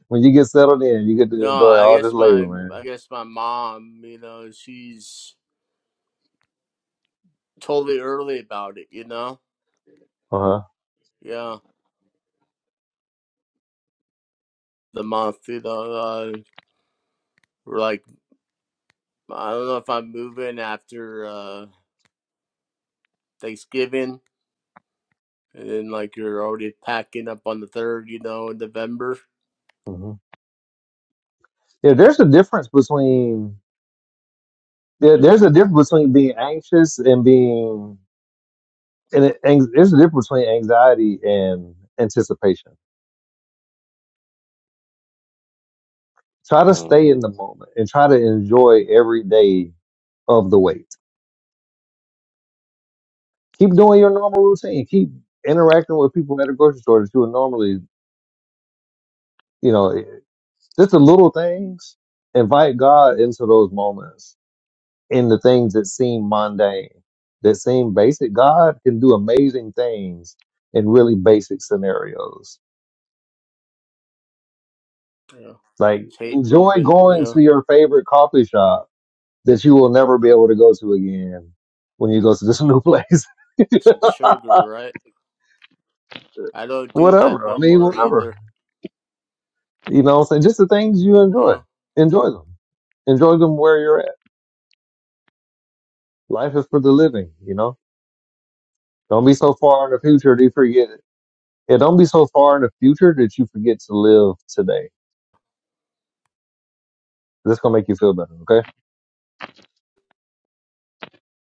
when you get settled in, you get to
No,
enjoy
I
all
guess
this labor,
my
man.
I guess my mom, you know, she's totally early about it, you know?
Uh
Yeah, the month, you know, uh, we're like I don't know if I'm moving after. uh Thanksgiving, and then like you're already packing up on the third, you know, in November.
huh. Yeah, there's a difference between there, there's a difference between being anxious and being and it, ang- there's a difference between anxiety and anticipation. Try to
Uh,
stay in the moment and try to enjoy every day of the wait. Keep doing your normal routine. Keep interacting with people at a grocery store that you would normally, you know, just the little things. Invite God into those moments in the things that seem mundane, that seem basic. God can do amazing things in really basic scenarios.
You know,
Like
just hate
enjoy
moving. You
going to
know,
your favorite coffee shop that you will never be able to go to again when you go to this <laughs> new place.
it's like sugar, right? I don't do that
whatever. I
no
mean,
more
whatever.
either.
You know what I'm saying? Just the things you
You
enjoy.
know,
Enjoy them. Enjoy them where you're at. Life is for the living, you know? Don't be so far in the future that you forget it. Yeah, don't be so far in the future that you forget to live today This gonna make you feel better, okay?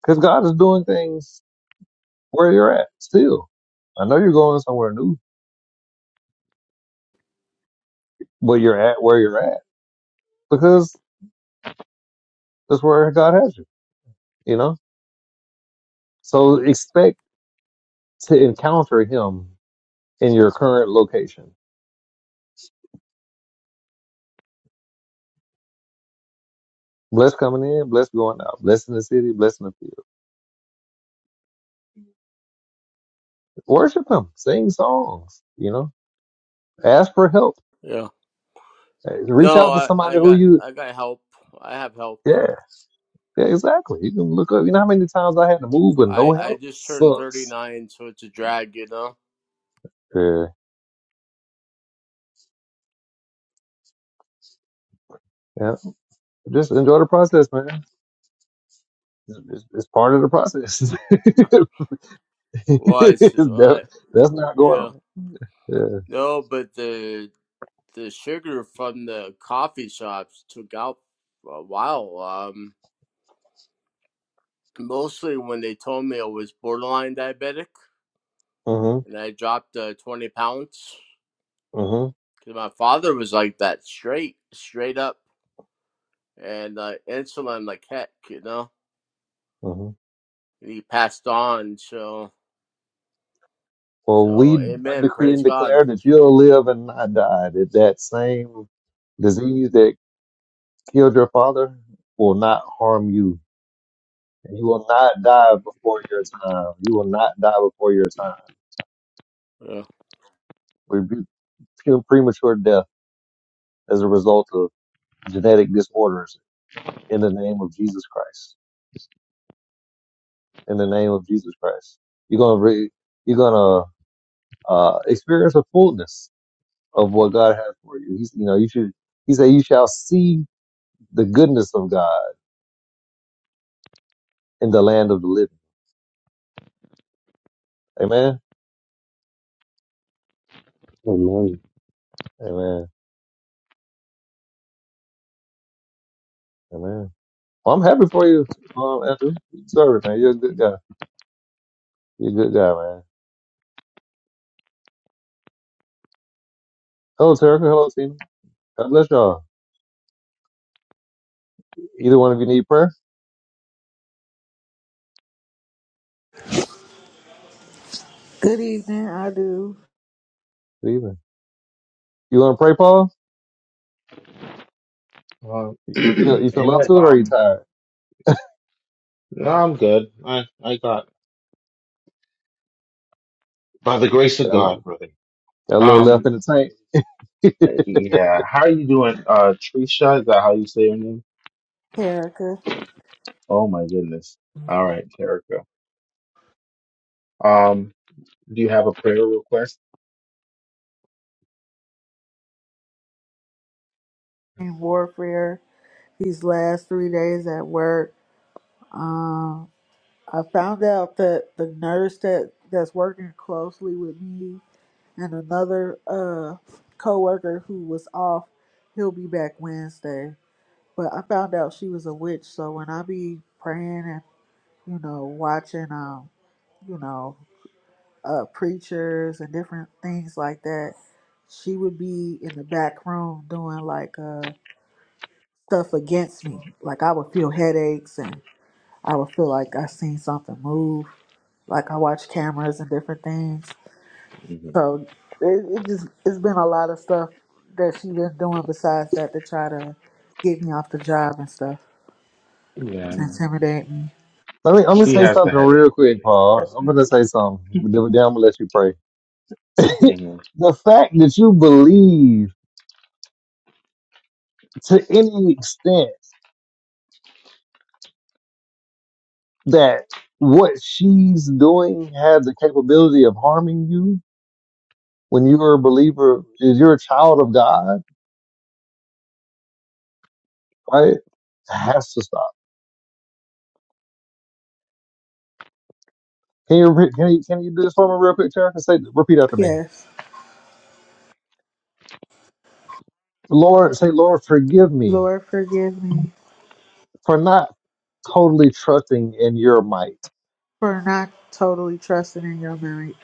Because God is doing things where you're at still. I know you're going somewhere new, but you're at where you're at because that's where God has you. You know, so
hmm
expect to encounter Him in your current location. Blessed coming in, blessed going out, blessed in the city, blessed in the field. Worship Him, sing songs. You know, ask for help.
yeah.
Reach
No,
out to
I I
somebody who
got
you.
I got help. I have help.
Yeah, yeah, exactly. You can look up. You know how many times I had to move with
I
no
I
help?
just turned thirty
Sucks.
nine, so it's a drag, you know.
Yeah. Yeah, Just enjoy the process, man. It's, it's, it's part of the process. <laughs>
Was
That-
I?
that's not going
Yeah.
on. Yeah.
No, but the the sugar from the coffee shops took out a while. Um, Mostly when they told me I was borderline diabetic
Uh huh.
and I dropped uh, 20 cause
Uh huh.
my father was like that straight, straight up, and uh, insulin like heck, you know?
Uh huh.
And he passed on, so,
For
so
we
amen,
decree
praise
and
God.
declare that you'll live and not die. That that same disease that killed your father will not harm you. And you will not die before your time. You will not die before your time.
Yeah.
we Rebuke pre- premature death as a result of genetic disorders in the name of Jesus Christ. in the name of Jesus Christ. You're gonna re- you're gonna uh, experience a fullness of what God has for you. He's, you know, you should. He said, "You shall see the goodness of God in the land of the living." Amen.
Amen.
Amen. Amen. Well, I'm happy for you, um, Andrew. You deserve it, man. You're a good guy. You're a good guy, man. Hello, Terry. Hello, Tina. God bless y'all. Either one of you need prayer?
Good evening. I do
Good evening. You want to pray, Paul?
uh, <clears throat>
You feel you feel up
amen.
to it, or are you
Um,
tired?
no, I'm good. I, I got by the grace of
Got a,
God, brother.
got a little left in
Um,
the tank. <laughs>
yeah. How are you doing? Uh, Trisha, is that how you say your name?
Erica
Oh my goodness. All right, Erica. Um, do you have a prayer request?
in warfare these last three days at work. Um, I found out that the nurse that that's working closely with me and another uh coworker who was off, he'll be back Wednesday. But I found out she was a witch, so when I be praying and you know watching um you know uh preachers and different things like that, she would be in the back room doing like uh stuff against me. Like I would feel headaches and I would feel like I seen something move. Like I watch cameras and different things.
hmm
So it, it just it's been a lot of stuff that she been doing besides that to try to get me off the job and stuff. It's
Yeah,
intimidate me.
Let me, I'm gonna
she
say
has the
something
headache,
real quick,
really.
Paul.
Trust
I'm
me.
gonna say something. Then then I'm gonna let you pray. <laughs>
hmm
the fact that you believe to any extent that what she's doing has the capability of harming you when you're a believer, is you're a child of God, right? Has to stop. Can you re- can you can you do this for me real quick, Tara? Say repeat after me.
Yes.
Lord, say, Lord, forgive me
Lord forgive me
for not totally trusting in your might,
for not totally trusting in your merit,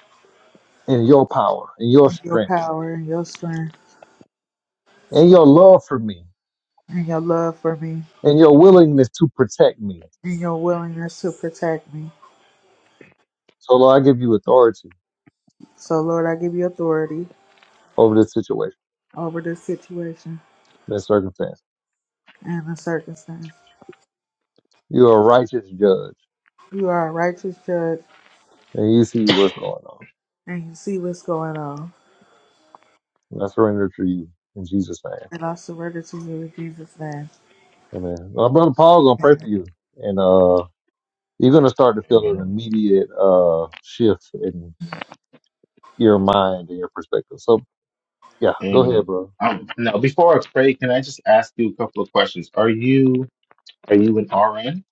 in your power, in your
your
strength
power and your strength
and your love for me
and your love for me
and your willingness to protect me.
and your willingness to protect me.
So, Lord, I give you authority
So Lord I give you authority
over this situation,
over this situation.
this circumstance.
and the circumstance.
You are a righteous judge
You are a righteous judge,
and you see what's going on.
and you see what's going on.
And I surrender to you in Jesus' name.
And I surrender to you in Jesus' name.
Amen. My brother Paul's going to pray for you and, uh, you're going to start to feel an
Amen.
immediate, uh, shift in your mind and your perspective. So yeah, go ahead,
Amen.
bro.
Um, now, before I pray, can I just ask you a couple of questions? Are you are you an RN?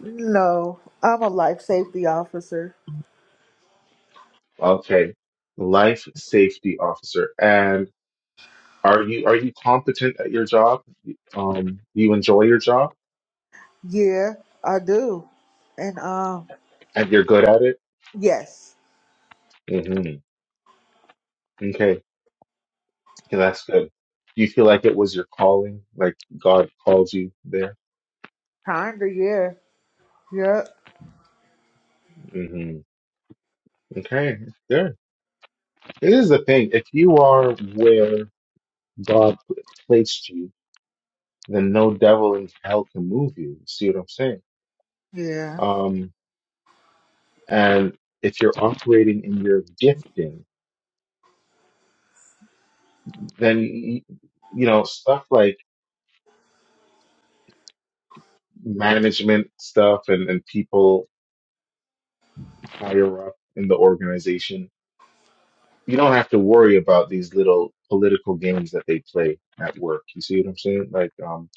No, I'm a life safety officer.
Okay, life safety officer. And are you are you competent at your job? Um, do you enjoy your job
Yeah, I do. And um,
and you're good at it?
yes,
hmm Okay, Okay, that's good. Do you feel like it was your calling? Like God called you there?
kinda. Yeah, yep,
hmm Okay, good. This is the thing. If you are where God placed you, then no devil in hell can move you. See what I'm saying?
yeah,
Um, and if you're operating in your gifting, then y- you know stuff like management stuff and and people higher up in the organization. You don't have to worry about these little political games that they play at work. You see what I'm saying? Like, um,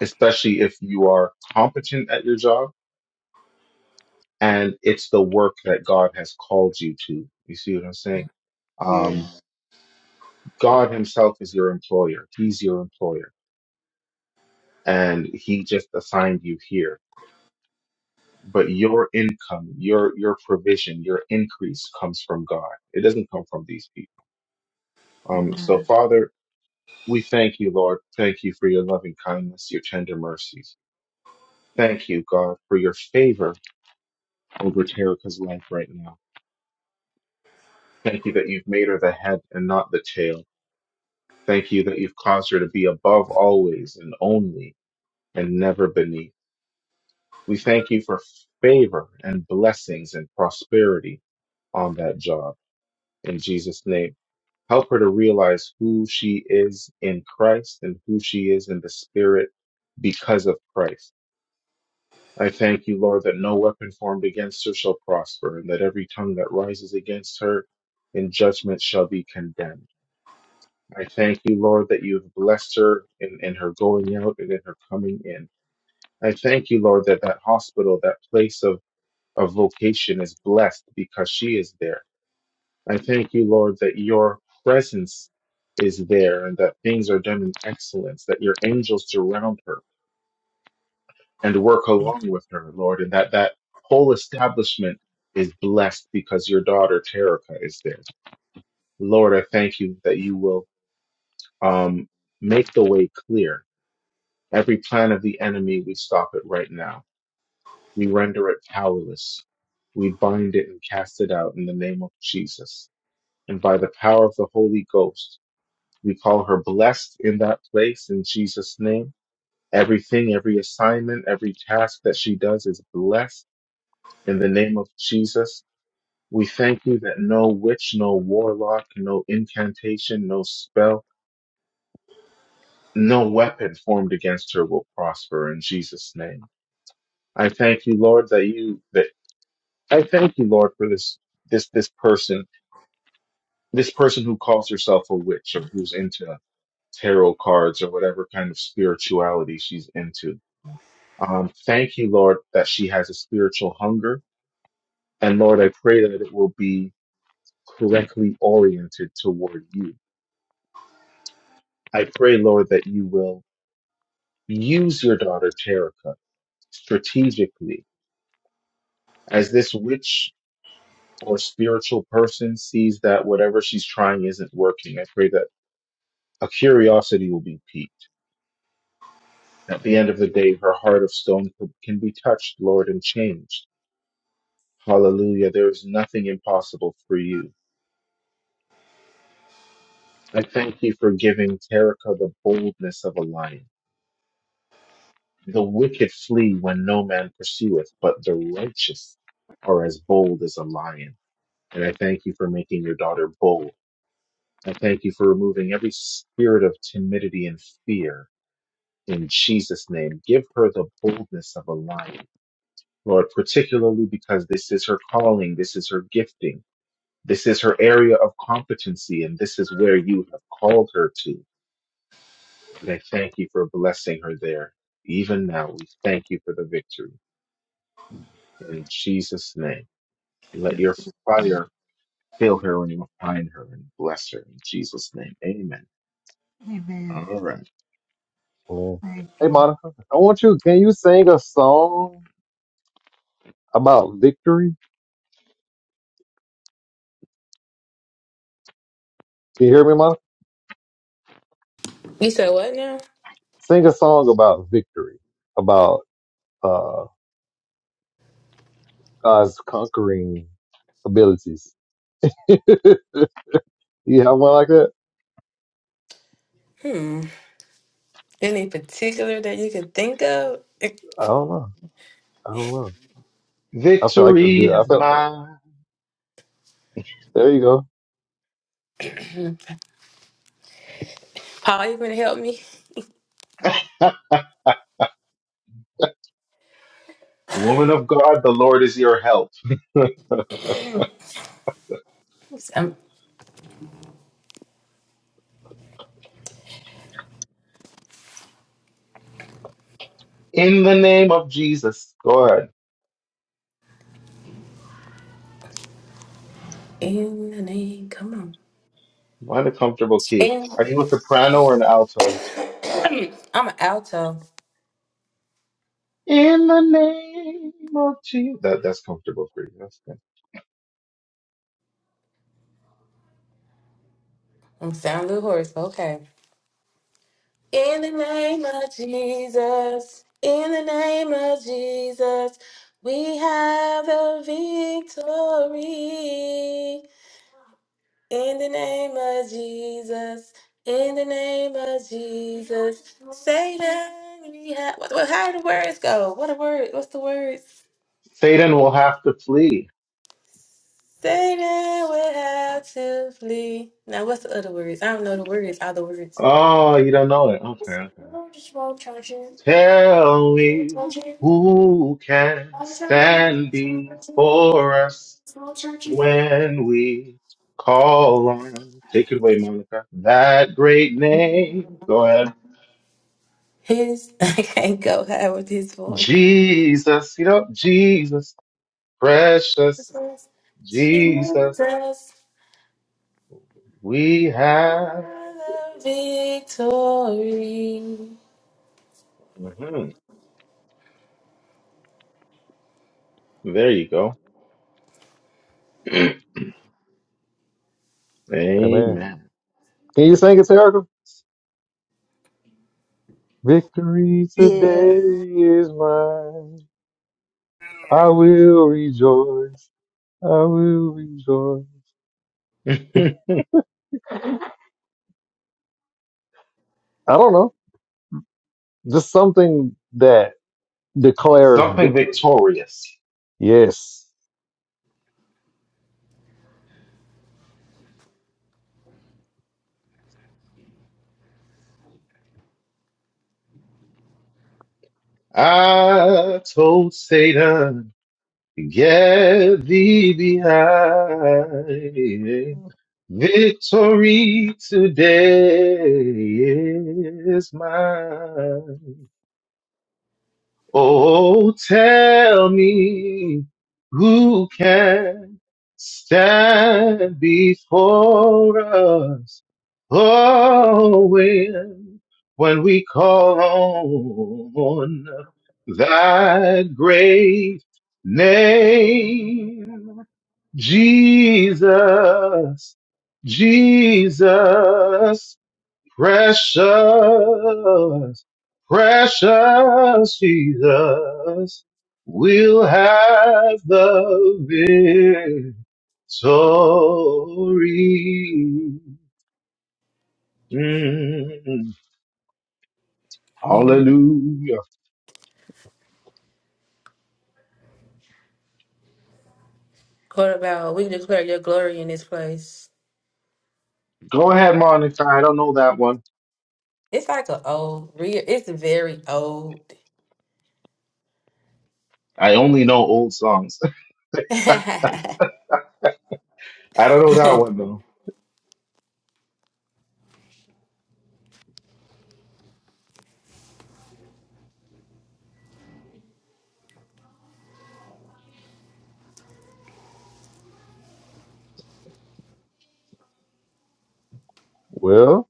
especially if you are competent at your job and it's the work that God has called you to. You see what I'm saying?
yeah.
Um, God Himself is your employer. He's your employer, and He just assigned you here. But your income, your your provision, your increase comes from God. It doesn't come from these people. Um,
Amen.
so Father, we thank you, Lord. Thank you for your loving kindness, your tender mercies. Thank you, God, for your favor over Terica's life right now. Thank you that you've made her the head and not the tail. Thank you that you've caused her to be above always and only and never beneath. We thank you for favor and blessings and prosperity on that job. In Jesus' name, help her to realize who she is in Christ and who she is in the Spirit because of Christ. I thank you, Lord, that no weapon formed against her shall prosper and that every tongue that rises against her in judgment shall be condemned. I thank you, Lord, that you have blessed her in, in her going out and in her coming in. I thank you, Lord, that that hospital, that place of, of vocation is blessed because she is there. I thank you, Lord, that your presence is there and that things are done in excellence, that your angels surround her and work along with her, Lord, and that that whole establishment is blessed because your daughter, Terica, is there. Lord, I thank you that you will um, make the way clear Every plan of the enemy, we stop it right now. We render it powerless. We bind it and cast it out in the name of Jesus. And by the power of the Holy Ghost, we call her blessed in that place in Jesus' name. Everything, every assignment, every task that she does is blessed in the name of Jesus. We thank you that no witch, no warlock, no incantation, no spell, no weapon formed against her will prosper in Jesus' name. I thank you, Lord, that you that I thank you, Lord, for this this this person, this person who calls herself a witch or who's into tarot cards or whatever kind of spirituality she's into. Um, thank you, Lord, that she has a spiritual hunger, and Lord, I pray that it will be correctly oriented toward you. I pray, Lord, that you will use your daughter Terica strategically as this witch or spiritual person sees that whatever she's trying isn't working. I pray that A curiosity will be piqued. At the end of the day, her heart of stone can be touched, Lord, and changed. Hallelujah. There is nothing impossible for you. I thank you for giving Terica the boldness of a lion. The wicked flee when no man pursueth, but the righteous are as bold as a lion. And I thank you for making your daughter bold. I thank you for removing every spirit of timidity and fear in Jesus' name. Give her the boldness of a lion Lord, particularly because this is her calling, this is her gifting, this is her area of competency, and this is where you have called her to. And I thank you for blessing her there. Even now, we thank you for the victory. In Jesus' name, let your fire fill her and refine her and bless her. In Jesus' name, amen.
Amen.
All right.
Amen.
Thank
Hey,
you.
Monica, I want you, can you sing a song about victory? Can you hear me, Monica?
You said what now?
Sing a song about victory, about uh, God's conquering abilities. <laughs> you have one like that?
Hmm. Any particular that you could think of? <clears throat>
I don't know. I don't know. I feel like it's
Victory
good. I
is
feel.
mine.
There you go.
Paul, you gonna help me?
<laughs> Woman of God, the Lord is your help. <laughs>
'Cause I'm
In the name of Jesus, God.
in the name. Come on.
Find a comfortable key.
In,
Are you a soprano or an alto?
I'm an alto.
In the name of Jesus. That, that's comfortable for you. That's good.
I'm sound a little hoarse, but okay. In the name of Jesus, in the name of Jesus, we have the victory. In the name of Jesus, in the name of Jesus, Satan, we have. What, what- how do the words go? What a word! What's the words?
Satan will have to flee.
Satan will have to flee. Now, what's the other words? I don't know the words. All the words.
Oh, you don't know it. Okay, okay. Tell me who can stand before us when we call on. Take it away, Monica. That great name. Go ahead.
His, <laughs> I can't go high with his voice.
Jesus. You know, Jesus. Precious Jesus.
Jesus.
We have.
victory.
Mhm. There you go. <clears throat>
Amen.
Amen.
Can you sing it, Erica? Victory
Yeah.
today is mine. I will rejoice. I will rejoice.
<laughs>
I don't know. Just something that declares
Something
victory.
victorious.
Yes.
I told Satan, get thee behind. Victory today is mine. Oh, tell me who can stand before us. Oh, when, when we call on that great name, Jesus, Jesus, Precious, precious Jesus, we'll have the victory. Mm.
And
Hallelujah.
what about we declare your glory in this place?
Go ahead, Monica. I don't know that one.
It's like an old, real. It's very old.
I only know old songs.
<laughs> he said
<laughs> I don't know that one though.
Well,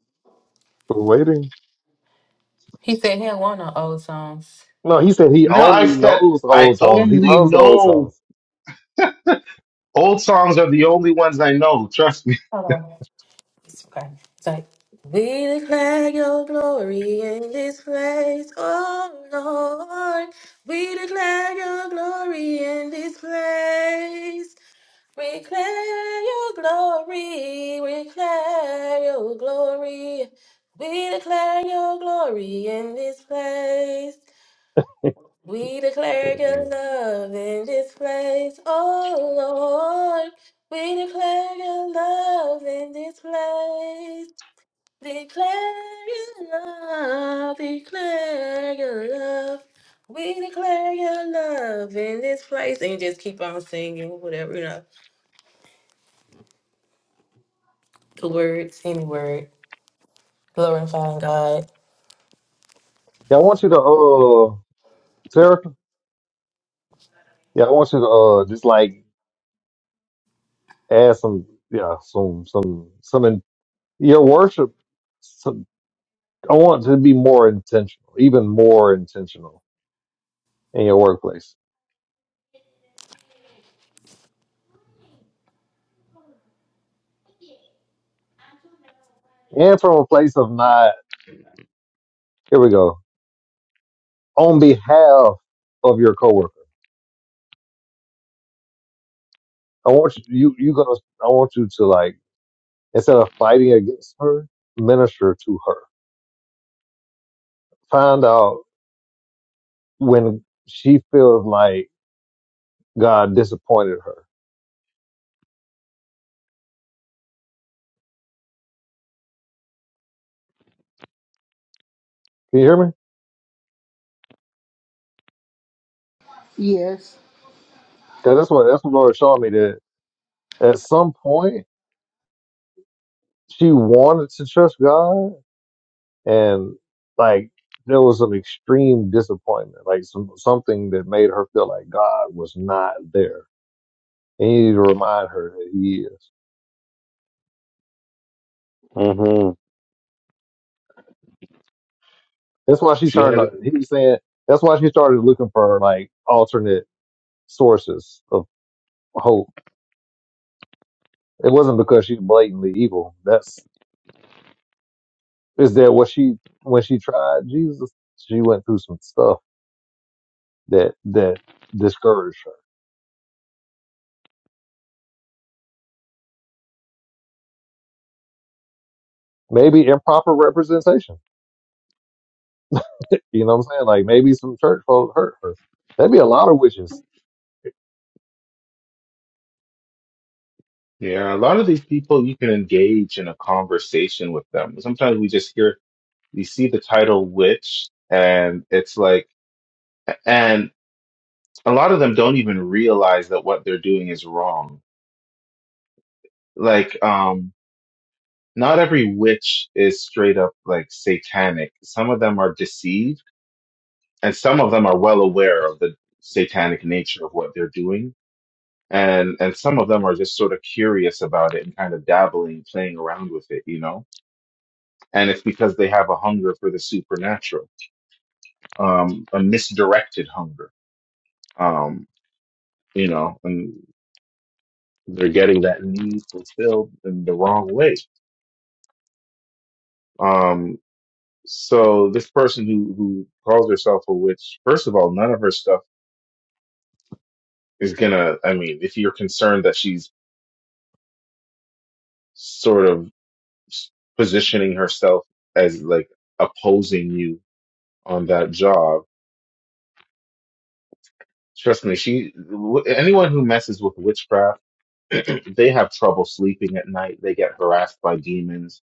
we're waiting.
he don't want no old songs.
No, he said he
No, I
only
said
knows
I
old songs. He
only
loves old
know
songs.
old songs are the only ones I know. Trust me.
Oh, it's okay. It's like we declare your glory in this place, oh Lord. We declare your glory in this place. We declare your glory, we declare your glory, we declare your glory in this place. We declare your
Amen.
love in this place, oh Lord. We declare your love in this place. Declare your love, declare your love. We declare your love in this place. And just keep on singing, whatever, you know, the words, any word. Glory and glorifying God.
Yeah, I want you to, uh, Sarah. Yeah, I want you to uh, just like add some, yeah, some, some, some in your worship. Some, I want to be more intentional, even more intentional in your workplace, and from a place of not. Here we go. On behalf of your coworker, I want you. You, you gonna. I want you to like instead of fighting against her, minister to her. Find out. when she feels like God disappointed her. Can you hear me?
Yes.
Because that's what that's what the Lord showed me that at some point she wanted to trust God and like there was some extreme disappointment, like some something that made her feel like God was not there. And he needed to remind her that he is.
Mm-hmm.
That's why she
She
turned
has.
on he was saying that's why she started looking for like alternate sources of hope. It wasn't because she's blatantly evil. That's is that what she when she tried Jesus, she went through some stuff that that discouraged her. Maybe improper representation. You know what I'm saying? Like maybe some church folk hurt her. there would be a lot of witches
Yeah, a lot of these people, you can engage in a conversation with them. Sometimes we just hear, we see the title witch, and it's like, and a lot of them don't even realize that what they're doing is wrong. Like, um, not every witch is straight up like satanic. Some of them are deceived, and some of them are well aware of the satanic nature of what they're doing. And and some of them are just sort of curious about it and kind of dabbling, playing around with it, you know? and it's because they have a hunger for the supernatural, um, a misdirected hunger, um, you know, and they're getting that need fulfilled in the wrong way. Um, so this person who who calls herself a witch, first of all, none of her stuff is gonna. I mean, if you're concerned that she's sort of s- positioning herself as like opposing you on that job, trust me, she anyone who messes with witchcraft <clears throat> they have trouble sleeping at night. They get harassed by demons.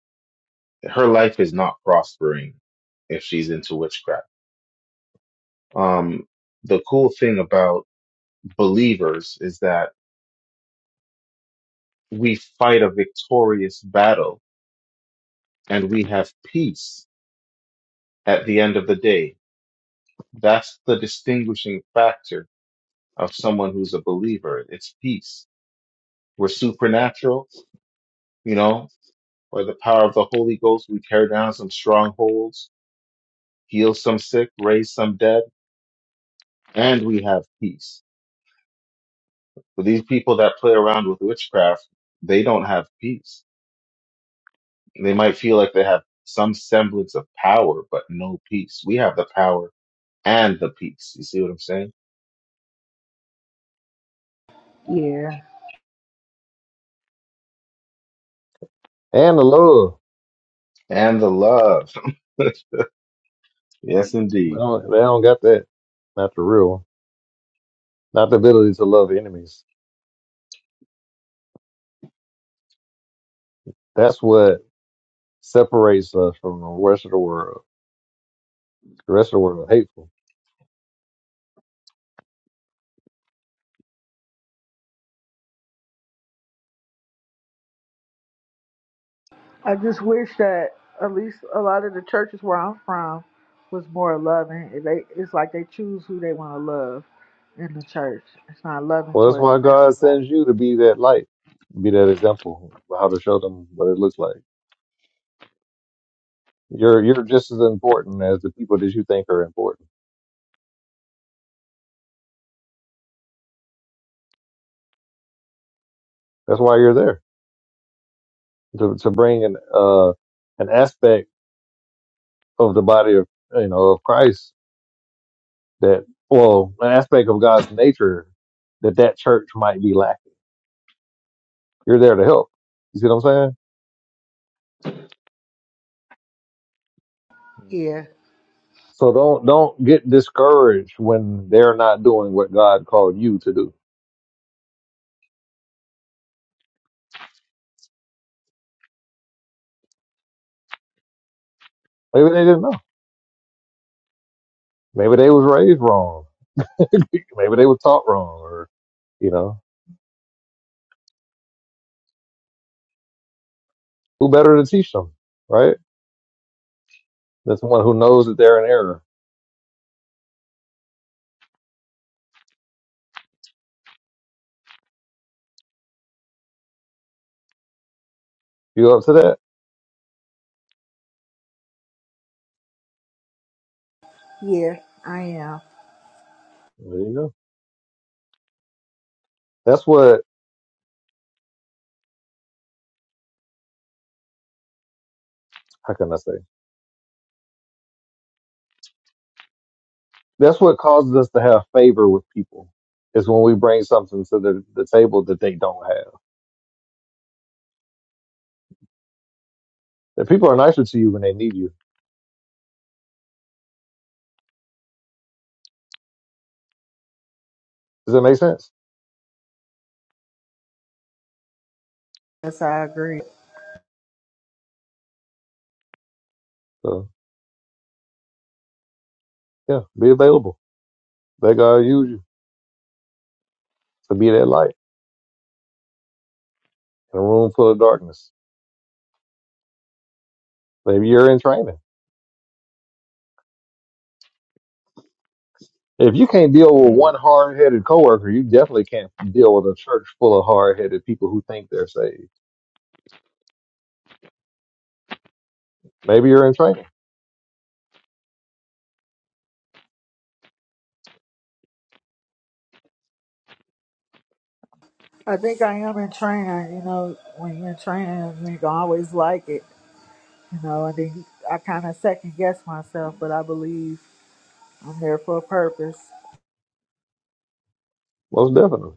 Her life is not prospering if she's into witchcraft. Um, the cool thing about believers is that we fight a victorious battle and we have peace at the end of the day. That's the distinguishing factor of someone who's a believer. It's peace. We're supernatural, you know, by the power of the Holy Ghost, we tear down some strongholds, heal some sick, raise some dead and we have peace. But these people that play around with witchcraft, they don't have peace. They might feel like they have some semblance of power, but no peace. We have the power and the peace. You see what I'm saying?
Yeah.
and the love.
And the love. <laughs> yes,
They
indeed.
don't, they don't got that. Not the real. one. Not the ability to love enemies. That's what separates us from the rest of the world. The rest of the world are hateful.
I just wish that at least a lot of the churches where I'm from was more loving. It- They it's like they choose who they want to love in the church. It's not loving
Well, that's
towards
why God
everybody.
sends you to be that light, be that example, how to show them what it looks like. You're you're just as important as the people that you think are important. That's why you're there to to bring an uh an aspect of the body of you know of Christ that well an aspect of God's nature that that church might be lacking. You're there to help. You see what I'm saying?
Yeah,
So don't don't get discouraged when they're not doing what God called you to do. Maybe they didn't know. Maybe they was raised wrong. <laughs> Maybe they were taught wrong, or you know who better to teach them, right? There's someone who knows that they're in error. You up to that?
yeah, I am.
There you go. That's what, how can I say? That's what causes us to have favor with people is when we bring something to the, the table that they don't have. That people are nicer to you when they need you. Does that make sense?
Yes, I agree.
So yeah, be available. Let God use you to be that light in a room full of darkness. Maybe you're in training. If you can't deal with one hard-headed coworker, you definitely can't deal with a church full of hard-headed people who think they're saved. Maybe you're in training.
I think I am in training. You know, when you're in training, you don't always like it. You know, and then I kind of second guess myself, but I believe I'm there for a purpose.
Most definitely.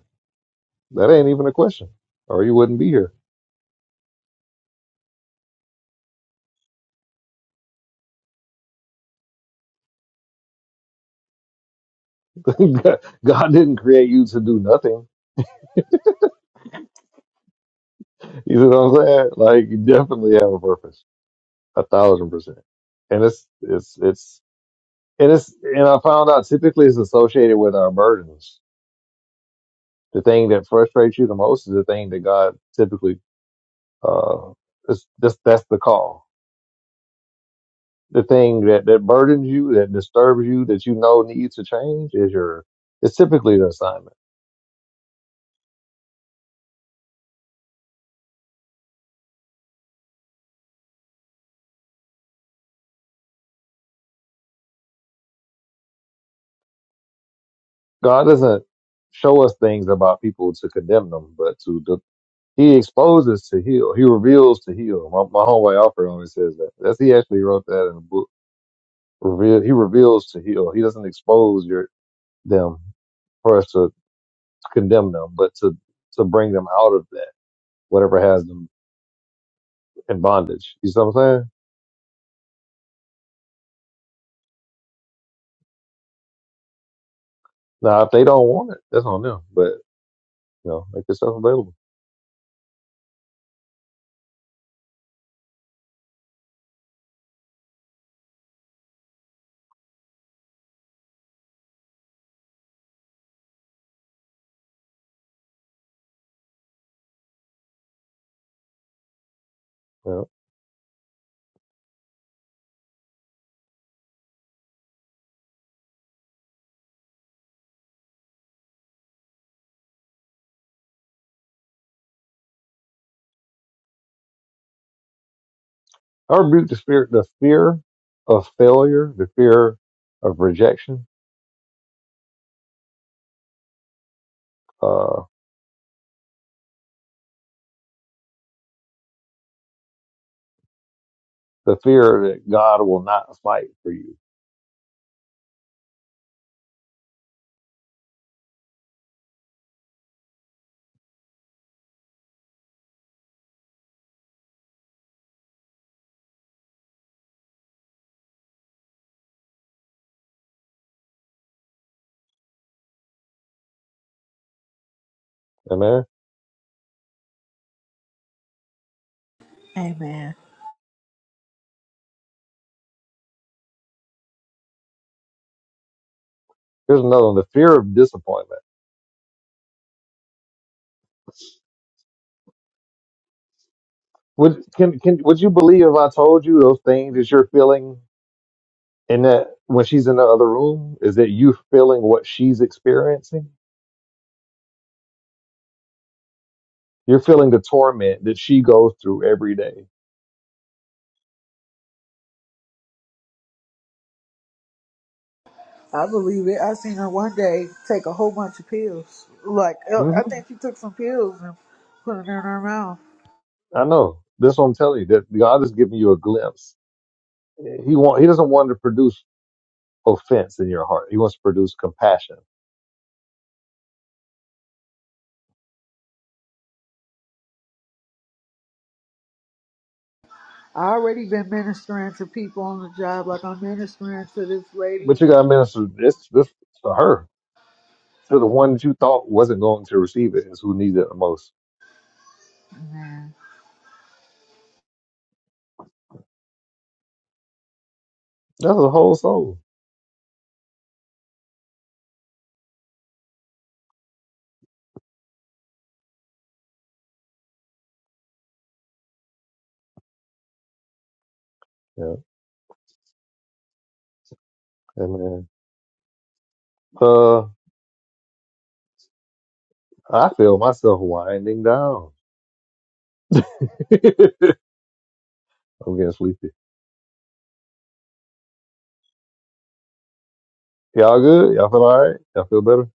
That ain't even a question, or you wouldn't be here. <laughs> God didn't create you to do nothing. You know what I'm saying? Like you definitely have a purpose, a thousand percent. And it's it's it's and it's and I found out typically it's associated with our burdens. The thing that frustrates you the most is the thing that God typically uh is that's that's the call. The thing that that burdens you, that disturbs you, that you know needs to change is your. It's typically the assignment. God doesn't show us things about people to condemn them, but to de- He exposes to heal. He reveals to heal. My, my homeboy Alfred always says that. That's he actually wrote that in the book. Reveal, he reveals to heal. He doesn't expose your them for us to condemn them, but to to bring them out of that whatever has them in bondage. You see what I'm saying? Now, if they don't want it, that's on them. But you know, make yourself available. You know? I rebuke the fear, the fear of failure, the fear of rejection. uh, the fear that God will not fight for you. Amen.
Amen.
Here's another one: the fear of disappointment. Would can can would you believe if I told you those things that you're feeling in that when she's in the other room is that you feeling what she's experiencing? You're feeling the torment that she goes through every day.
I believe it. I seen her one day take a whole bunch of pills. Like uh, I
Mm-hmm.
think she took some pills and put it in her mouth.
I know. That's what I'm telling you. That God is giving you a glimpse. He want He doesn't want to produce offense in your heart. He wants to produce compassion.
I already been ministering to people on the job, like I'm ministering to this
But
lady.
you got to minister this this to her. to the one that you thought wasn't going to receive it is who needed it the most.
Man,
That's a whole soul. Yeah. Amen. Uh, I feel myself winding down. <laughs> I'm getting sleepy. Y'all good? Y'all feel all right? Y'all feel better?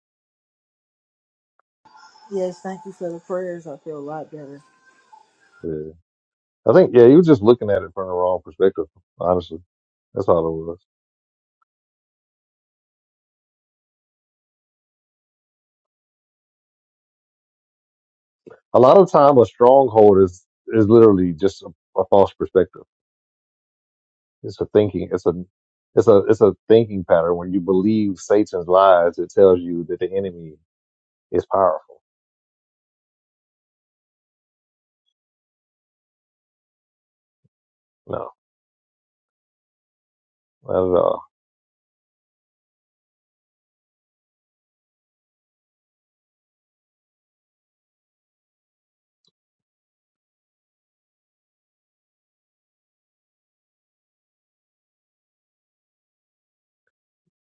yes, thank you for the prayers. I feel a lot better.
Yeah. I think, yeah, you were just looking at it from the wrong perspective, honestly. That's all it was. A lot of time, a stronghold is, is literally just a, a false perspective. It's a thinking, it's a, it's a, it's a thinking pattern. When you believe Satan's lies, it tells you that the enemy is powerful. No, not at all.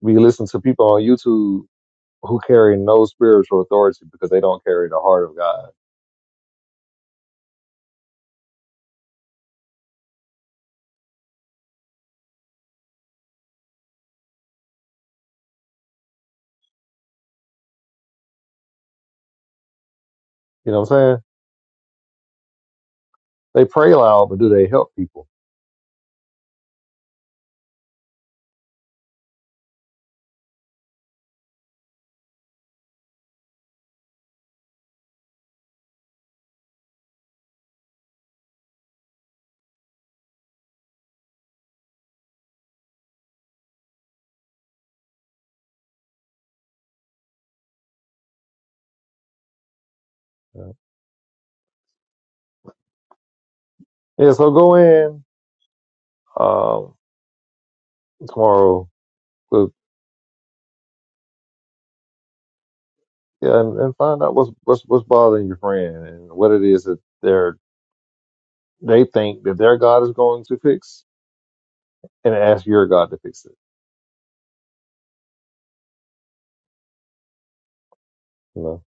We listen to people on YouTube who carry no spiritual authority because they don't carry the heart of God. You know what I'm saying? They pray loud, but do they help people? Yeah. Yeah, so go in um, tomorrow, but, yeah, and, and find out what's what's what's bothering your friend and what it is that they're they think that their God is going to fix, and ask your God to fix it. You know,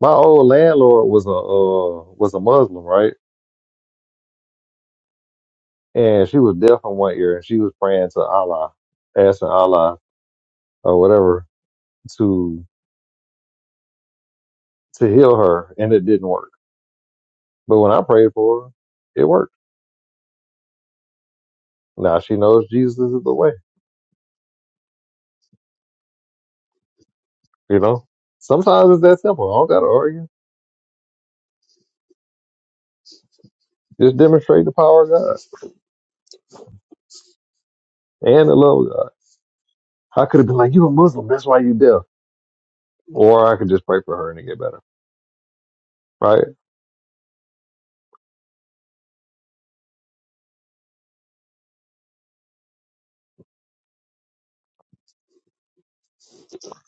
my old landlord was a uh, was a Muslim, right? And she was deaf in one ear and she was praying to Allah, asking Allah or whatever to to heal her and it didn't work. But when I prayed for her, it worked. Now she knows Jesus is the way, you know? Sometimes it's that simple. I don't gotta argue. Just demonstrate the power of God and the love of God. I could have been like, You a Muslim, that's why you deaf. Or I could just pray for her and it get better. Right?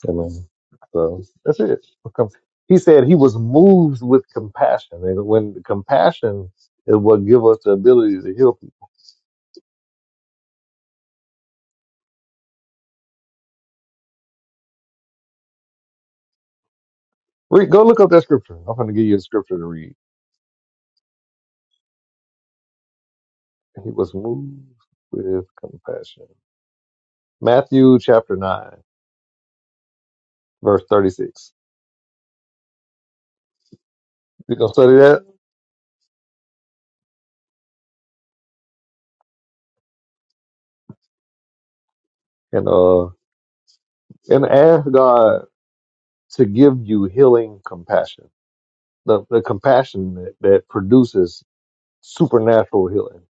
I mean, so that's it. Com- He said he was moved with compassion, and when compassion is what give us the ability to heal people. Read, go look up that scripture. I'm going to give you a scripture to read. He was moved with compassion. Matthew chapter nine, verse thirty-six. You gonna study that and uh and ask God to give you healing compassion, the the compassion that, that produces supernatural healing.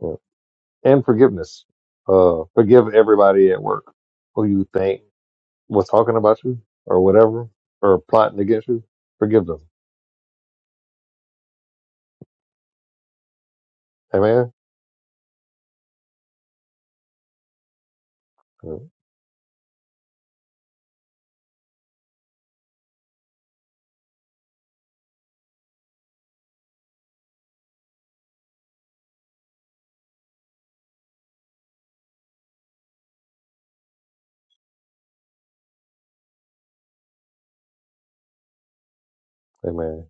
Yeah. and forgiveness. Uh, forgive everybody at work who you think was talking about you or whatever or plotting against you. Forgive them. Amen. Mm, Amen.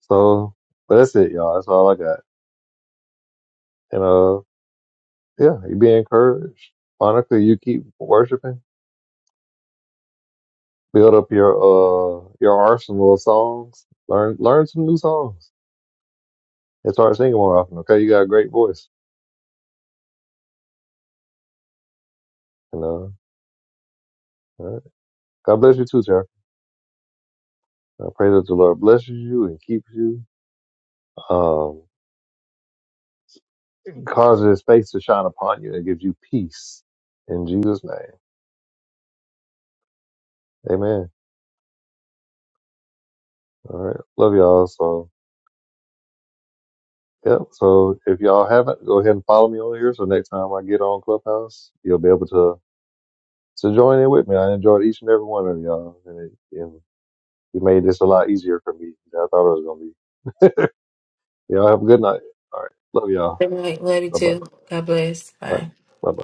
So, but that's it, y'all. That's all I got. And uh, yeah, you be encouraged. Monica, you keep worshiping. Build up your uh your arsenal of songs. Learn learn some new songs and start singing more often. Okay, you got a great voice. You know. All right. God bless you too, Tara. I pray that the Lord blesses you and keeps you. Um, It causes his face to shine upon you and gives you peace in Jesus' name. Amen. All right. Love y'all. So, yep. So, if y'all haven't, go ahead and follow me on here. So, next time I get on Clubhouse, you'll be able to to join in with me. I enjoyed each and every one of y'all. And it, and it made this a lot easier for me than I thought it was going to be. Y'all have a good night. All right. Love y'all.
Good night, lady
Bye bye.
too. God bless.
All right.
Bye.
Bye bye.